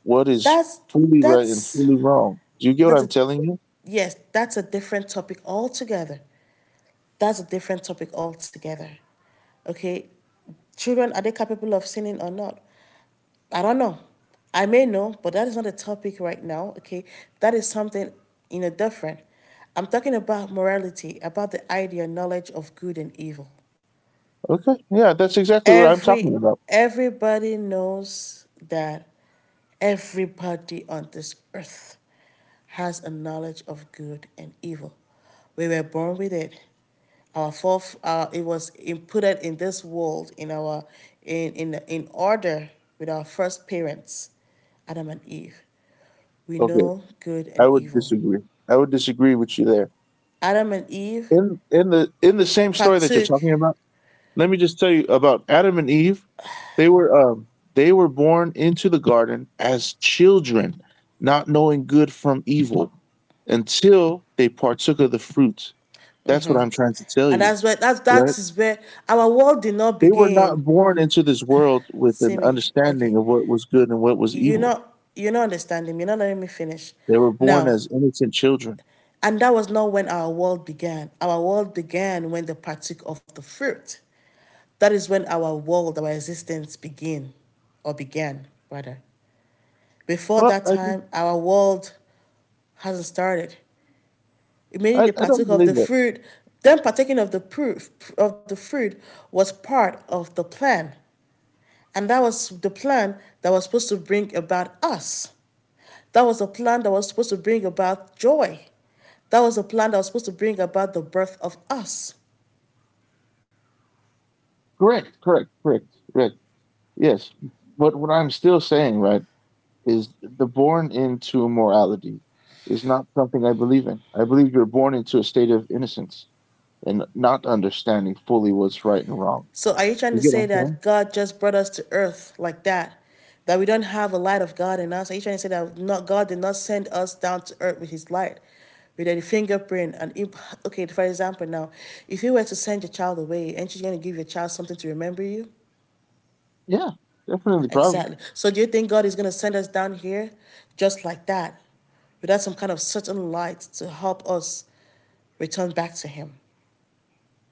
S2: what is
S1: That's
S2: fully right and
S1: that's
S2: fully wrong. Do you get what
S1: that's
S2: I'm
S1: a
S2: telling you?
S1: Yes, that's a different topic altogether. That's a different topic altogether. Okay? Children, are they capable of sinning or not? I don't know. I may know, but that is not a topic right now, okay? That is something, you know, different. I'm talking about morality, about the idea knowledge of good and evil.
S2: Okay. Yeah, that's exactly what I'm
S1: Every
S2: talking about.
S1: everybody knows that everybody on this earth has a knowledge of good and evil. We were born with it. Our fourth, it was inputted in this world in our in order with our first parents, Adam and Eve. We
S2: Okay.
S1: know good and
S2: I would
S1: evil.
S2: disagree. I would disagree with you there.
S1: Adam and Eve
S2: In the same story that you're
S1: partook,
S2: talking about, let me just tell you about Adam and Eve. They were um they were born into the garden as children, not knowing good from evil until they partook of the fruit. That's what I'm trying to tell
S1: and
S2: you,
S1: that
S2: right?
S1: is where our world did not
S2: They were
S1: begin.
S2: not born into this world with
S1: See
S2: an
S1: me, okay?
S2: understanding of what was good and what was
S1: You're
S2: evil.
S1: not you're not understanding me. You're not letting me finish.
S2: They were born
S1: Now,
S2: as innocent children.
S1: and that was not when our world began. Our world began when they partook of the fruit. That is when our world, our existence begin, or began, rather. Before
S2: Well,
S1: that
S2: I think
S1: time, our world hasn't started. Immediately they
S2: I don't
S1: partook of
S2: believe
S1: the
S2: that.
S1: fruit. Them partaking of the fruit was part of the plan. And that was the plan that was supposed to bring about us. That was a plan that was supposed to bring about joy. That was a plan that was supposed to bring about the birth of us.
S2: Correct, correct, correct, correct. Yes. But what I'm still saying, right, is the born into morality is not something I believe in. I believe you're born into a state of innocence and not understanding fully what's right and wrong.
S1: So are you trying
S2: You
S1: to
S2: get what
S1: say
S2: I'm
S1: that
S2: saying?
S1: God just brought us to earth like that? That we don't have a light of God in us? Are you trying to say that not God did not send us down to earth with his light? With a fingerprint and imp- Okay, for example now, if you were to send your child away, ain't you gonna give your child something to remember you?
S2: Yeah, definitely, probably.
S1: Exactly. So do you think God is gonna send us down here just like that? Without some kind of certain light to help us return back to him?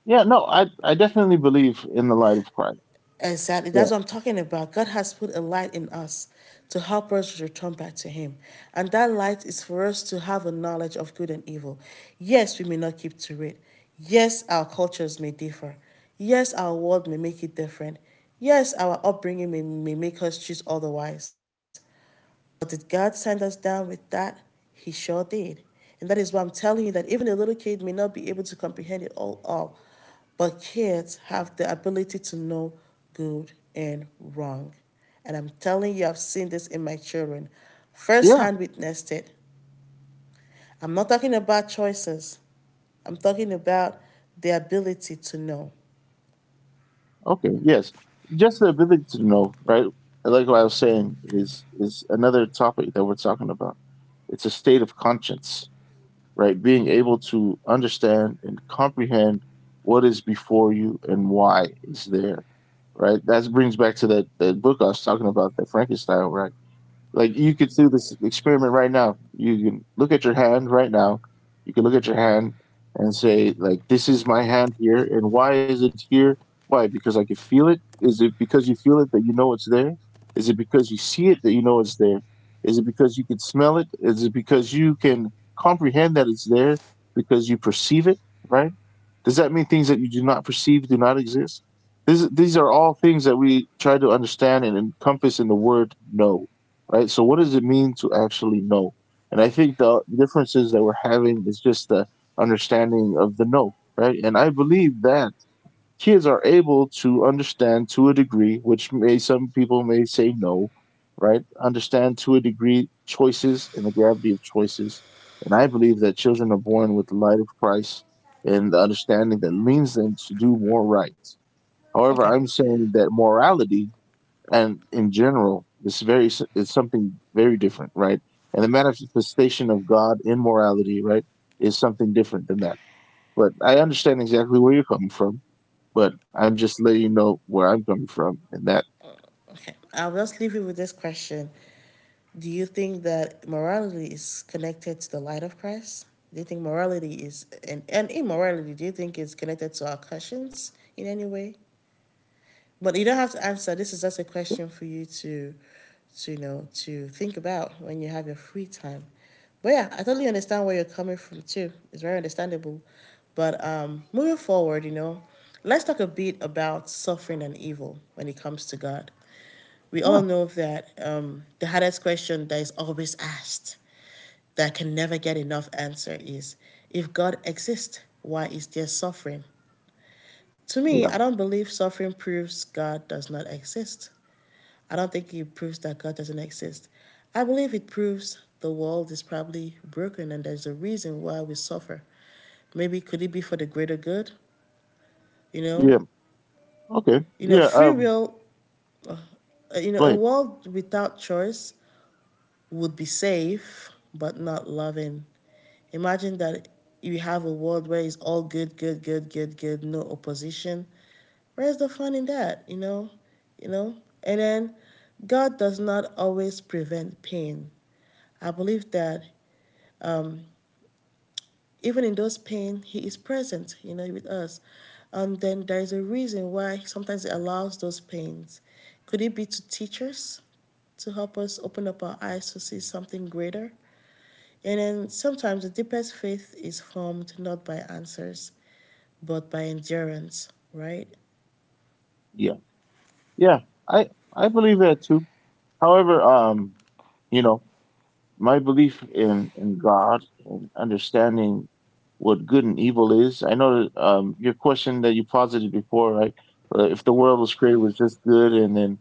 S2: Yeah, no, I definitely believe in the light of Christ.
S1: Exactly.
S2: Yeah.
S1: That's what I'm talking about. God has put a light in us to help us return back to Him. And that light is for us to have a knowledge of good and evil. Yes, we may not keep to it. Yes, our cultures may differ. Yes, our world may make it different. Yes, our upbringing may make us choose otherwise. But did God send us down with that? He sure did. And that is why I'm telling you that even a little kid may not be able to comprehend it all, but kids have the ability to know good and wrong. And I'm telling you, I've seen this in my children.
S2: Yeah,
S1: First-hand witnessed it. I'm not talking about choices. I'm talking about the ability to know.
S2: okay, yes. Just the ability to know, right? What I was saying is another topic that we're talking about. It's a state of conscience, right? Being able to understand and comprehend what is before you and why it's there, right? That brings back to that book I was talking about, the Frankenstein, right? Like you could do this experiment right now. You can look at your hand right now. You can look at your hand and say, like, this is my hand here. And why is it here? Why? Because I can feel it? Is it because you feel it that you know it's there? Is it because you see it that you know it's there? Is it because you can smell it? Is it because you can comprehend that it's there because you perceive it, right? Does that mean things that you do not perceive do not exist? These are all things that we try to understand and encompass in the word no, right? So what does it mean to actually know? And I think the differences that we're having is just the understanding of the know, right? And I believe that kids are able to understand to a degree, which may some people may say no, right? Understand to a degree choices and the gravity of choices. And I believe that children are born with the light of Christ and the understanding that leads them to do more right. However,
S1: Okay.
S2: I'm saying that morality and in general it's something very different, right? And the manifestation of God in morality, right, is something different than that, but I understand exactly where you're coming from, but I'm just letting you know where I'm coming from in that.
S1: Okay, I'll just leave you with this question. Do you think that morality is connected to the light of Christ? Do you think morality is and immorality, do you think it's connected to our conscience in any way? But you don't have to answer. This is just a question for you to you know, to think about when you have your free time. But yeah, I totally understand where you're coming from too. It's very understandable. But moving forward, you know, let's talk a bit about suffering and evil when it comes to God. We all
S2: Yeah,
S1: know that the hardest question that is always asked, that can never get enough answer, is if God exists, why is there suffering? To me,
S2: yeah,
S1: I don't believe suffering proves God does not exist. I don't think it proves that God doesn't exist. I believe it proves the world is probably broken and there's a reason why we suffer. Maybe could it be for the greater good? You know,
S2: yeah. Okay, yeah.
S1: Free will. uh, You know,
S2: Go
S1: a
S2: ahead.
S1: world without choice would be safe but not loving. Imagine that you have a world where it's all good, good, good, good, good, no opposition. Where's the fun in that? You know. And then God does not always prevent pain. I believe that um, even in those pain, He is present, you know, with us. And then there is a reason why sometimes He allows those pains. Could it be to teach us, to help us open up our eyes to see something greater? And then sometimes the deepest faith is formed not by answers, but by endurance, right?
S2: Yeah, yeah, i I believe that too. However, you know, my belief in God and understanding what good and evil is. I know, your question that you posited before, right? If the world was created was just good, and then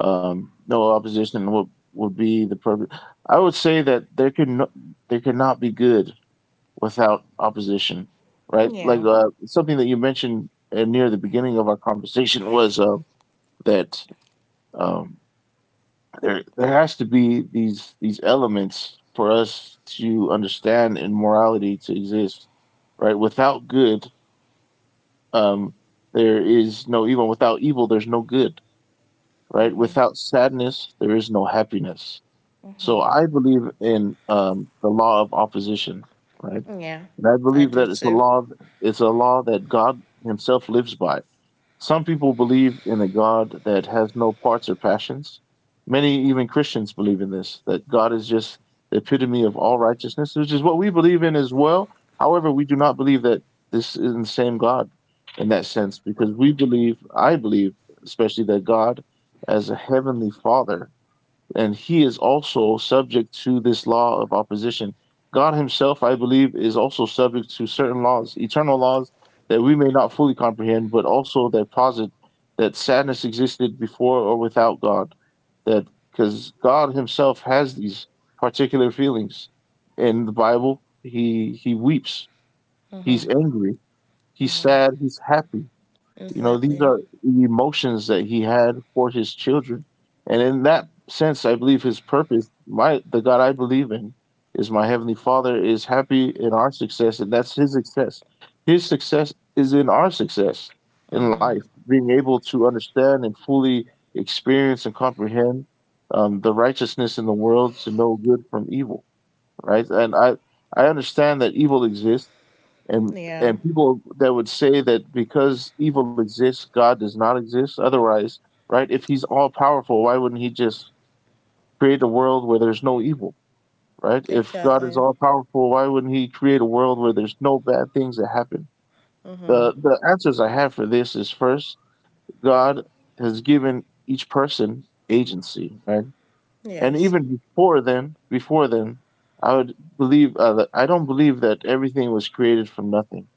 S2: no opposition, what would be the purpose? I would say that there could not be good without opposition, right? Like
S1: Yeah.
S2: something that you mentioned near the beginning of our conversation was that. Um, there has to be these elements for us to understand and morality to exist, right? Without good, um there is no evil. Without evil, there's no good, right? Without sadness there is no happiness. So I believe in the law of opposition, right?
S1: Yeah,
S2: And I
S1: I
S2: believe
S1: do
S2: that it's a
S1: too.
S2: law, it's a law that God Himself lives by. Some people believe in a God that has no parts or passions. Many, even Christians, believe in this, that God is just the epitome of all righteousness, which is what we believe in as well. However, we do not believe that this is the same God in that sense, because we believe, I believe especially, that God as a heavenly father and He is also subject to this law of opposition. God Himself, I believe, is also subject to certain laws, eternal laws that we may not fully comprehend, but also that posit that sadness existed before or without God. That because God Himself has these particular feelings in the Bible, He weeps,
S1: Mm-hmm.
S2: He's angry, He's sad, He's happy. You know, these
S1: Exactly.
S2: are the emotions that He had for His children. And in that sense, I believe His purpose, my the God I believe in is my heavenly Father, is happy in our success and that's His success. His success is in our success in
S1: Mm-hmm.
S2: life, being able to understand and fully experience and comprehend the righteousness in the world, to know good from evil, right? And I understand that evil exists, and
S1: Yeah,
S2: and people that would say that because evil exists, God does not exist. Otherwise, right? If He's all powerful, why wouldn't He just create a world where there's no evil, right? If God
S1: exactly.
S2: is all powerful, why wouldn't He create a world where there's no bad things that happen?
S1: Mm-hmm.
S2: The answers I have for this is first, God has given each person agency, right? And
S1: Yes.
S2: even before then, I would believe that I don't believe that everything was created from nothing.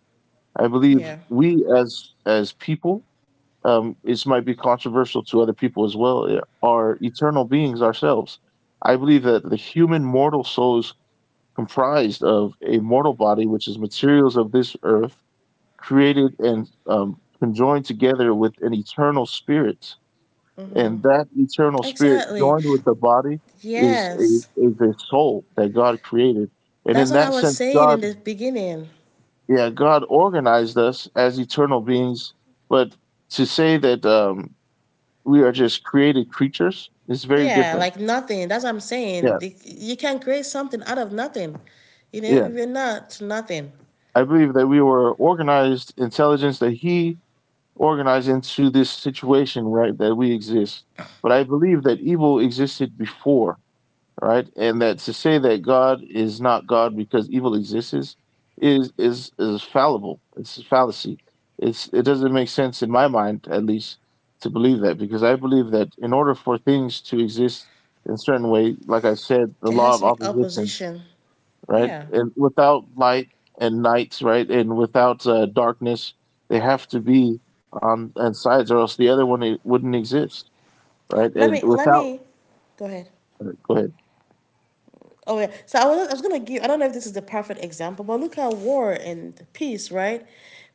S2: I believe
S1: Yeah.
S2: we as people, this might be controversial to other people as well, are eternal beings ourselves. I believe that the human mortal soul is comprised of a mortal body, which is materials of this earth, created and conjoined together with an eternal spirit, and that eternal spirit
S1: Exactly.
S2: joined with the body is a
S1: Yes.
S2: is a soul that God created, and
S1: That's
S2: in
S1: what I
S2: that
S1: was
S2: sense,
S1: saying
S2: God,
S1: in the beginning.
S2: yeah, God organized us as eternal beings, but to say that we are just created creatures is very
S1: Yeah,
S2: different.
S1: like nothing. That's what I'm saying.
S2: Yeah,
S1: You can create something out of nothing. You know, if
S2: yeah.
S1: you're not nothing,
S2: I believe that we were organized intelligence that He organized into this situation, right, that we exist. But I believe that evil existed before, right? And that to say that God is not God because evil exists is fallible. It's a fallacy. It doesn't make sense in my mind, at least, to believe that, because I believe that in order for things to exist in a certain way, like I said, the
S1: there
S2: law
S1: has
S2: of
S1: to be
S2: opposition,
S1: opposition.
S2: right?
S1: Yeah.
S2: And without light and night, right, and without darkness, they have to be on and sides, or else the other one it wouldn't exist, right?
S1: Let
S2: And
S1: me, let
S2: without,
S1: me, Go ahead.
S2: go ahead.
S1: Oh yeah. So I was gonna give, I don't know if this is the perfect example, but look at war and peace, right?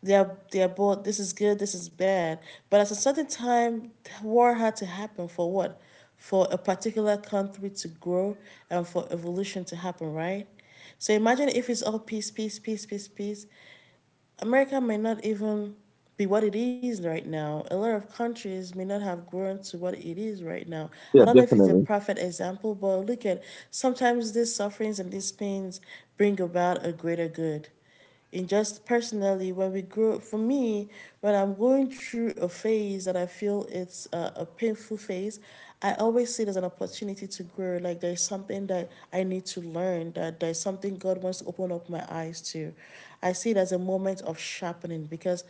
S1: They're both, this is good, this is bad. But at a certain time war had to happen for what? For a particular country to grow and for evolution to happen, right? So imagine if it's all peace, peace, peace, peace, peace. America may not even be what it is right now. A lot of countries may not have grown to what it is right now. I
S2: Yeah,
S1: don't know if it's a
S2: definitely.
S1: perfect example, but look at, sometimes these sufferings and these pains bring about a greater good. In just personally when we grow, for me, when I'm going through a phase that I feel it's a painful phase, I always see it as an opportunity to grow, like there's something that I need to learn, that there's something God wants to open up my eyes to. I see it as a moment of sharpening because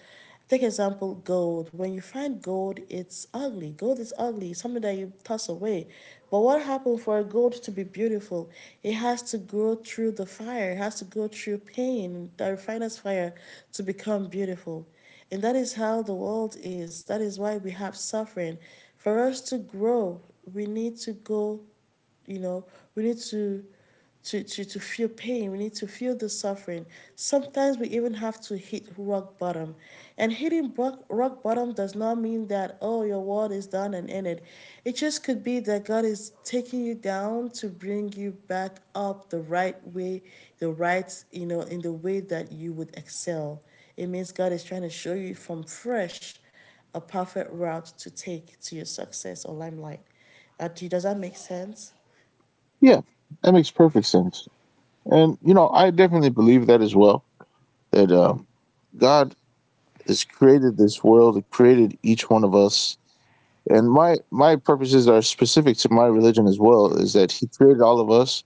S1: take example gold: when you find gold, it's ugly. Gold is ugly, it's something that you toss away. But what happened for gold to be beautiful? It has to go through the fire, it has to go through pain, the refiner's fire, to become beautiful. And that is how the world is. That is why we have suffering. For us to grow, we need to go, you know, we need to to feel pain. We need to feel the suffering. Sometimes we even have to hit rock bottom. And hitting rock bottom does not mean that, oh, your world is done and ended. It just could be that God is taking you down to bring you back up the right way, the right, you know, in the way that you would excel. It means God is trying to show you from fresh a perfect route to take to your success or limelight. Does that make sense?
S2: Yeah, that makes perfect sense. And you know, I definitely believe that as well. That God has created this world, He created each one of us. And my purposes are specific to my religion as well. Is that He created all of us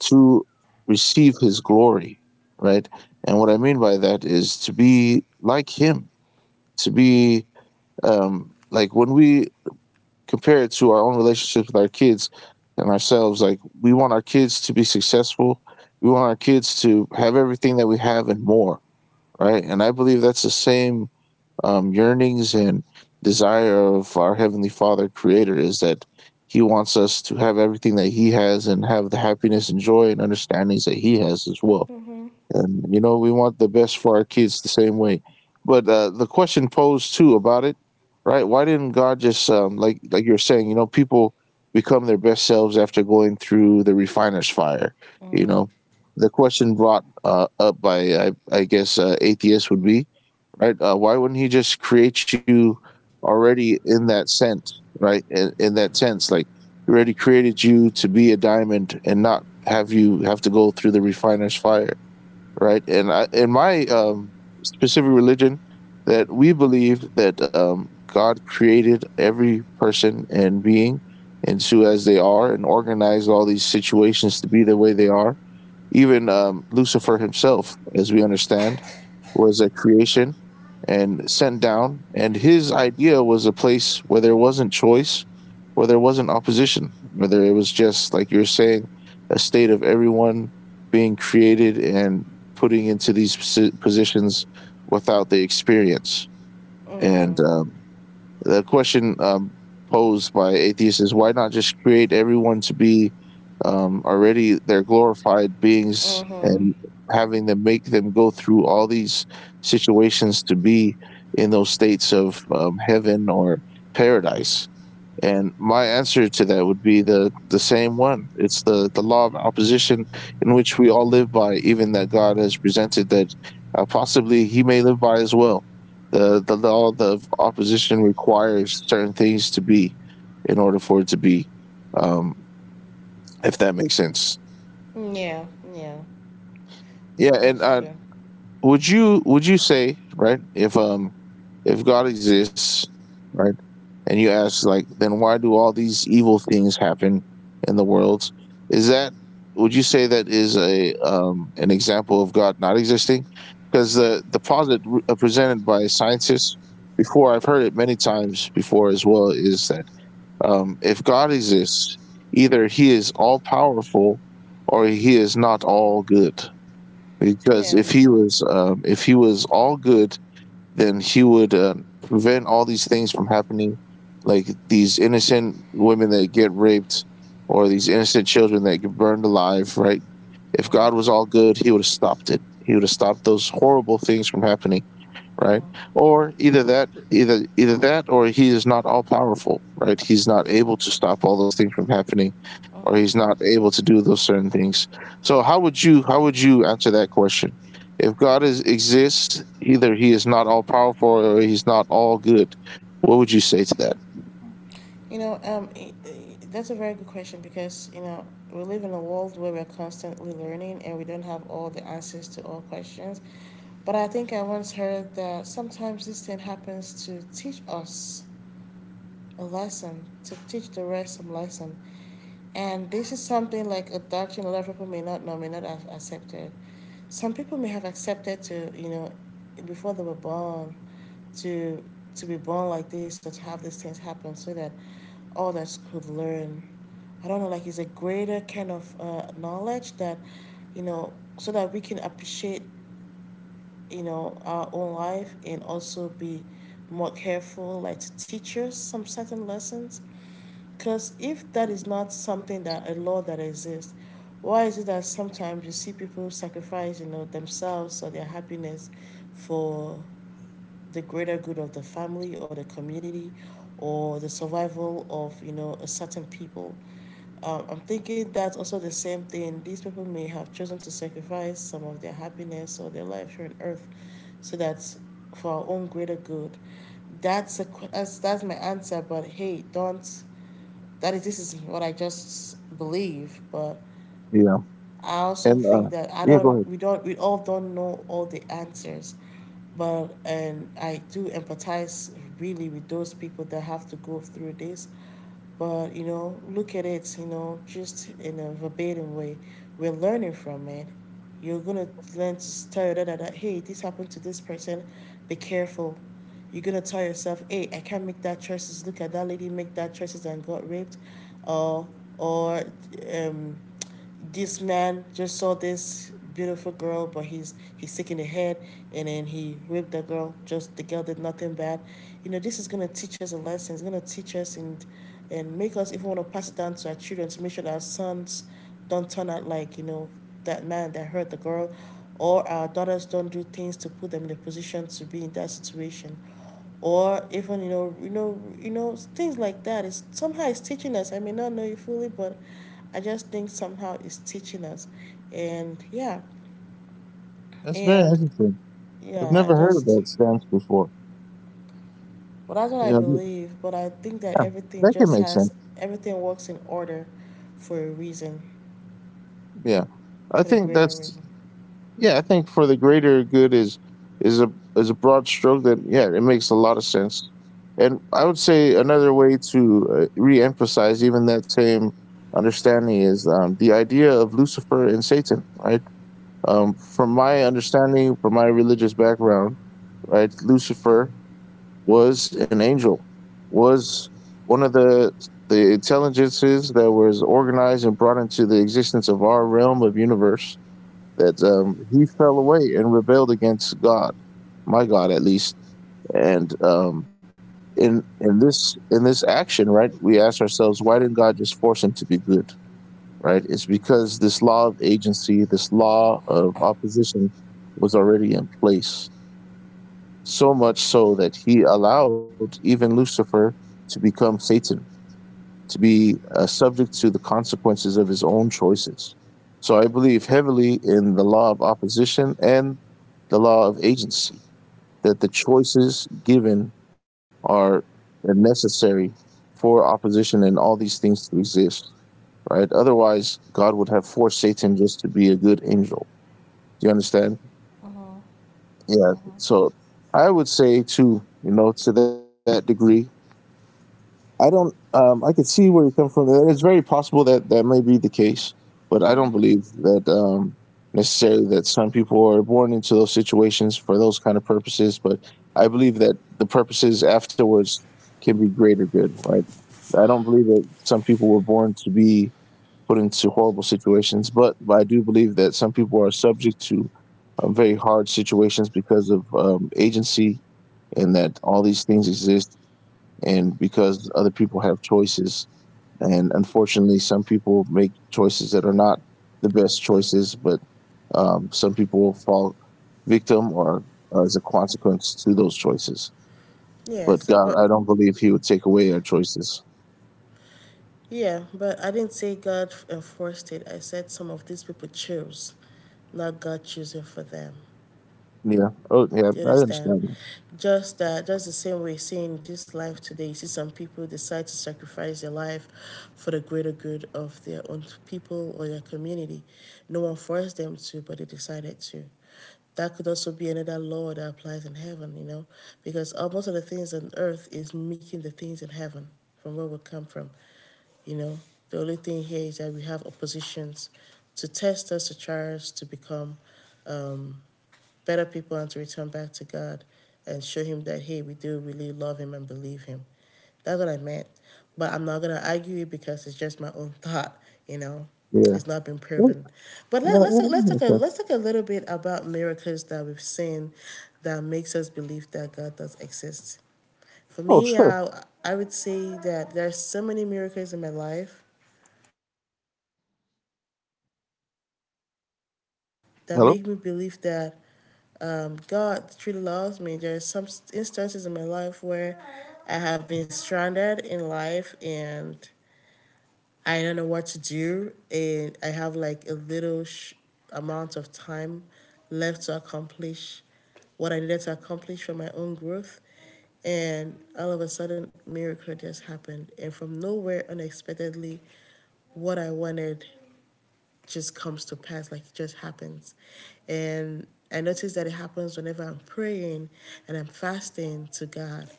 S2: to receive His glory, right? And what I mean by that is to be like Him, to be like when we compare it to our own relationship with our kids and ourselves. Like we want our kids to be successful. We want our kids to have everything that we have and more, right? And I believe that's the same yearnings and desire of our heavenly Father, Creator, is that He wants us to have everything that He has and have the happiness and joy and understandings that He has as well. And you know, we want the best for our kids the same way. But the question posed too about it, right? Why didn't God just like you're saying, you know, people become their best selves after going through the refiner's fire, you
S1: Mm-hmm.
S2: know. The question brought up by I guess atheists would be, right, why wouldn't He just create you already in that sense, right? In that sense, like He already created you to be a diamond and not have you have to go through the refiner's fire, right? And I, in my specific religion, that we believe that God created every person and being into as they are, and organized all these situations to be the way they are, even Lucifer himself, as we understand, was a creation and sent down. And his idea was a place where there wasn't choice, where there wasn't opposition, whether it was just, like you're saying, a state of everyone being created and putting into positions without the experience. And the question posed by atheists is why not just create everyone to be already their glorified beings and
S1: Mm-hmm.
S2: having them make them go through all these situations to be in those states of heaven or paradise. And my answer to that would be the same one. It's the law of opposition in which we all live by, even that God has presented that possibly He may live by as well. The law of opposition requires certain things to be in order for it to be, um, if that makes sense.
S1: Yeah, yeah,
S2: Yeah, and
S1: that's true.
S2: would you say, right, if God exists, right? And you ask, like, then why do all these evil things happen in the world, is that, would you say that is a, an example of God not existing? Because the posit presented by scientists before, I've heard it many times before as well, is that if God exists, either He is all powerful or He is not all good. Because
S1: Yeah.
S2: if He was if He was all good then He would prevent all these things from happening, like these innocent women that get raped or these innocent children that get burned alive, right? If
S1: Uh huh.
S2: God was all good, He would have stopped it. He would have stopped those horrible things from happening,
S1: Uh
S2: right?
S1: huh.
S2: Or either that, either that or He is not all powerful, right? He's not able to stop all those things from happening,
S1: Uh
S2: or He's
S1: huh.
S2: not able to do those certain things. So how would you, how would you answer that question? If God is exists, either He is not all powerful or He's not all good. What would you say to that?
S1: You know, that's a very good question because, you know, we live in a world where we're constantly learning and we don't have all the answers to all questions. But I think I once heard that sometimes this thing happens to teach us a lesson, to teach the rest some lesson. And this is something like a doctrine a lot of people may not know, may not have accepted. Some people may have accepted to, you know, before they were born, to to be born like this or to have these things happen so that others could learn. I don't know, like it's a greater kind of knowledge that, you know, so that we can appreciate, you know, our own life and also be more careful, like to teach us some certain lessons, because if that is not something that a law that exists, why is it that sometimes you see people sacrifice, you know, themselves or their happiness for the greater good of the family or the community or the survival of, you know, a certain people? I'm thinking that's also the same thing. These people may have chosen to sacrifice some of their happiness or their life here on earth so that's for our own greater good. That's, a, that's my answer, but hey, don't that is this is what I just believe. But
S2: Yeah,
S1: I also
S2: and
S1: think that I
S2: yeah, go ahead.
S1: don't we all don't know all the answers, but and I do empathize really with those people that have to go through this. But you know, look at it, you know, just in a verbatim way. We're learning from it. You're gonna learn to tell your dad that, hey, this happened to this person, be careful. You're gonna tell yourself, hey, I can't make that choices. Look at that lady make that choices and got raped, or or um, this man just saw this beautiful girl, but he's taking the head, and then he raped the girl. Just the girl did nothing bad. You know, this is gonna teach us a lesson. It's gonna teach us and make us even want to pass it down to our children to make sure that our sons don't turn out like, you know, that man that hurt the girl, or our daughters don't do things to put them in a position to be in that situation, or even, you know, things like that. That is, somehow it's teaching us. I may not know you fully, but I just think somehow it's teaching us. And yeah,
S2: That's very
S1: and
S2: interesting. I've
S1: yeah, I
S2: never heard of
S1: just,
S2: that stance before.
S1: well, that's what I
S2: Yeah,
S1: believe, but I think that
S2: yeah,
S1: everything
S2: that can
S1: just
S2: make sense.
S1: has, everything works in order for a reason,
S2: Yeah, I
S1: for the
S2: think
S1: greater
S2: that's,
S1: reason.
S2: yeah, I think for the greater good is a is a broad stroke that, yeah, it makes a lot of sense. And I would say another way to re-emphasize even that same understanding is the idea of Lucifer and Satan, right? From my understanding, from my religious background, right, Lucifer was an angel, was one of the intelligences that was organized and brought into the existence of our realm of universe, that he fell away and rebelled against God, my God at least. And in this action, right, we ask ourselves, why didn't God just force him to be good? Right? It's because this law of agency, this law of opposition, was already in place. So much so that He allowed even Lucifer to become Satan, to be subject to the consequences of his own choices. So I believe heavily in the law of opposition and the law of agency, that the choices given are necessary for opposition and all these things to exist, right? Otherwise, God would have forced Satan just to be a good angel. Do you understand?
S1: Mm-hmm.
S2: Yeah. So
S1: Mm-hmm.
S2: I would say, too, you know, to that degree, I don't. I could see where you come from. And it's very possible that that may be the case, but I don't
S1: Mm-hmm.
S2: believe that necessarily that some people are born into those situations for those kind of purposes. But I believe that the purposes afterwards can be greater good. Right? I don't believe that some people were born to be put into horrible situations, but I do believe that some people are subject to very hard situations because of agency and that all these things exist and because other people have choices and unfortunately some people make choices that are not the best choices, but some people fall victim or as a consequence to those choices,
S1: Yeah,
S2: but
S1: so,
S2: God, I
S1: but
S2: don't believe He would take away our choices.
S1: yeah, but I didn't say God enforced it. I said some of these people chose, not God choosing for them.
S2: Yeah, oh yeah,
S1: Do you
S2: I
S1: understand?
S2: understand.
S1: Just that, just the same way, seeing this life today, you see some people decide to sacrifice their life for the greater good of their own people or your community. No one forced them to, but they decided to. That could also be another law that applies in heaven, you know, because almost all the things on earth is making the things in heaven from where we come from. You know, the only thing here is that we have oppositions to test us, to try us to become um, better people and to return back to God and show Him that, hey, we do really love Him and believe Him. That's what I meant. But I'm not going to argue it because it's just my own thought, you know.
S2: Yeah.
S1: It's not been
S2: Oh,
S1: proven. But
S2: no,
S1: let, let's
S2: yeah, that
S1: let's talk a,
S2: makes sense.
S1: let's talk a little bit about miracles that we've seen that makes us believe that God does exist. For
S2: Oh,
S1: me,
S2: sure.
S1: I would say that there's so many miracles in my life that
S2: Hello.
S1: make me believe that God truly loves me. There are some instances in my life where I have been stranded in life and I don't know what to do, and I have like a little amount of time left to accomplish what I needed to accomplish for my own growth. And all of a sudden, miracle just happened. And from nowhere, unexpectedly, what I wanted just comes to pass, like it just happens. And I notice that it happens whenever I'm praying and I'm fasting to God.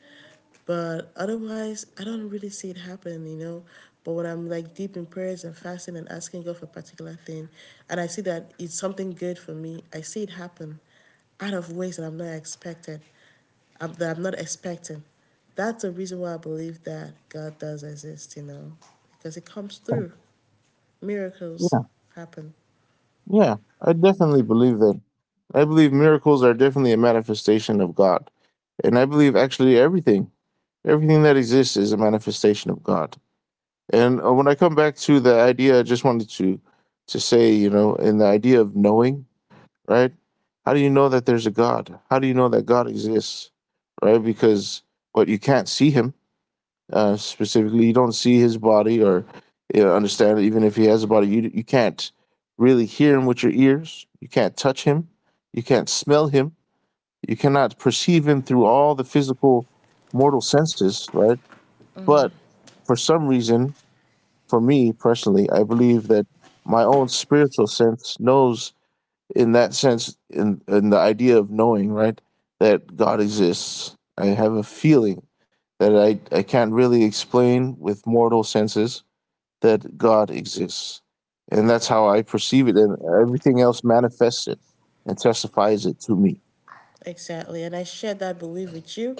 S1: But otherwise, I don't really see it happen, you know. But when I'm like deep in prayers and fasting and asking God for a particular thing, and I see that it's something good for me, I see it happen out of ways that I'm not expected, that I'm not expecting. That's the reason why I believe that God does exist, you know, because it comes through. Miracles
S2: Yeah,
S1: happen.
S2: yeah, I definitely believe that. I believe miracles are definitely a manifestation of God. And I believe actually everything, everything that exists is a manifestation of God. And when I come back to the idea, I just wanted to say, you know, in the idea of knowing, right? How do you know that there's a God? How do you know that God exists, right? Because but you can't see Him specifically. You don't see His body or, you know, understand it. Even if He has a body, you can't really hear Him with your ears. You can't touch Him. You can't smell Him. You cannot perceive Him through all the physical mortal senses, right? But for some reason, for me personally, I believe that my own spiritual sense knows in that sense, in the idea of knowing, right, that God exists. I have a feeling that I can't really explain with mortal senses, that God exists. And that's how I perceive it, and everything else manifests it and testifies it to me.
S1: Exactly. And I share that belief with you.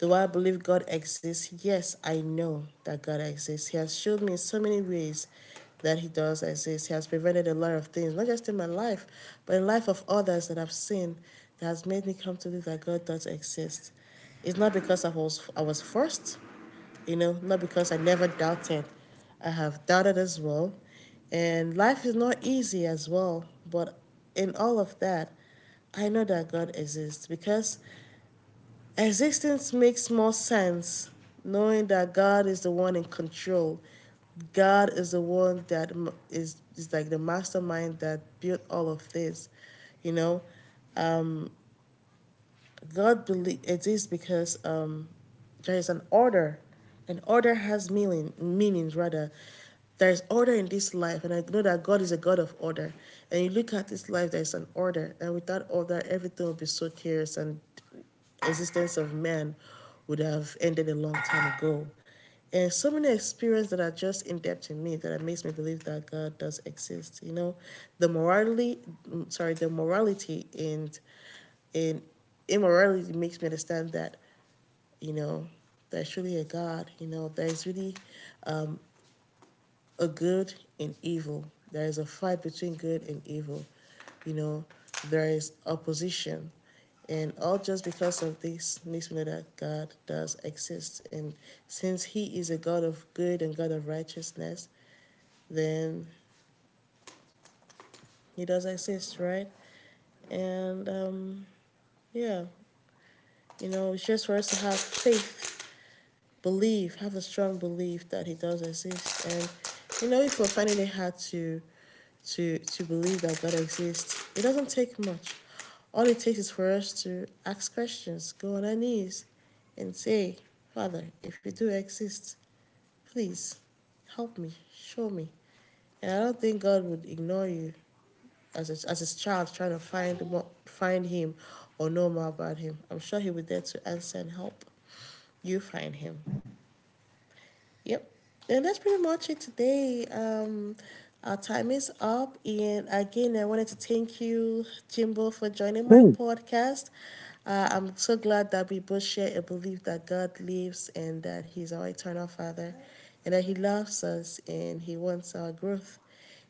S1: Do I believe God exists? Yes, I know that God exists. He has showed me in so many ways that He does exist. He has prevented a lot of things, not just in my life, but in the life of others that I've seen that has made me come to believe that God does exist. It's not because I was forced, you know, not because I never doubted. I have doubted as well. And life is not easy as well. But in all of that, I know that God exists because existence makes more sense knowing that God is the one in control. God is the one that is, like the mastermind that built all of this, you know? Um, God believe it is because there is an order. An order has meaning, meanings rather. There is order in this life, and I know that God is a God of order. And you look at this life, there is an order, and without order, everything would be so chaos, and existence of man would have ended a long time ago. And so many experiences that are just in depth in me that it makes me believe that God does exist. You know, the morality, sorry, the morality and immorality makes me understand that, you know, there's really a God. You know, there's really um, a good and evil. There is a fight between good and evil. You know, there is opposition. And all just because of this makes me know that God does exist. And since He is a God of good and God of righteousness, then He does exist, right? And yeah, you know, it's just for us to have faith, belief, have a strong belief that He does exist. And you know, if we're finding it hard to believe that God exists, it doesn't take much. All it takes is for us to ask questions, go on our knees, and say, Father, if you do exist, please help me, show me. And I don't think God would ignore you as a, as His child trying to find more, find Him or know more about Him. I'm sure He'll be there to answer and help you find Him. Yep. And that's pretty much it today. Our time is up. And again, I wanted to thank you, Jimbo, for joining my
S2: Good.
S1: podcast. I'm so glad that we both share a belief that God lives and that He's our eternal Father and that He loves us and He wants our growth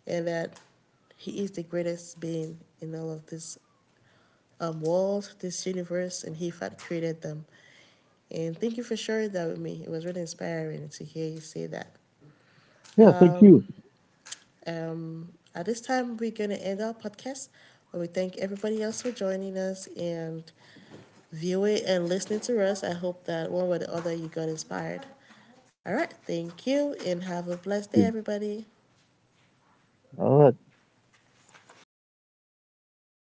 S1: and that He is the greatest being in all of this world, this universe, and He had created them. And thank you for sharing that with me. It was really inspiring to hear you say that.
S2: Yeah, thank you.
S1: Um, at this time, we're going to end our podcast. But we thank everybody else for joining us and viewing and listening to us. I hope that one way or the other you got inspired. All right, thank you and have a blessed day,
S2: Thank you.
S1: everybody.
S2: All right.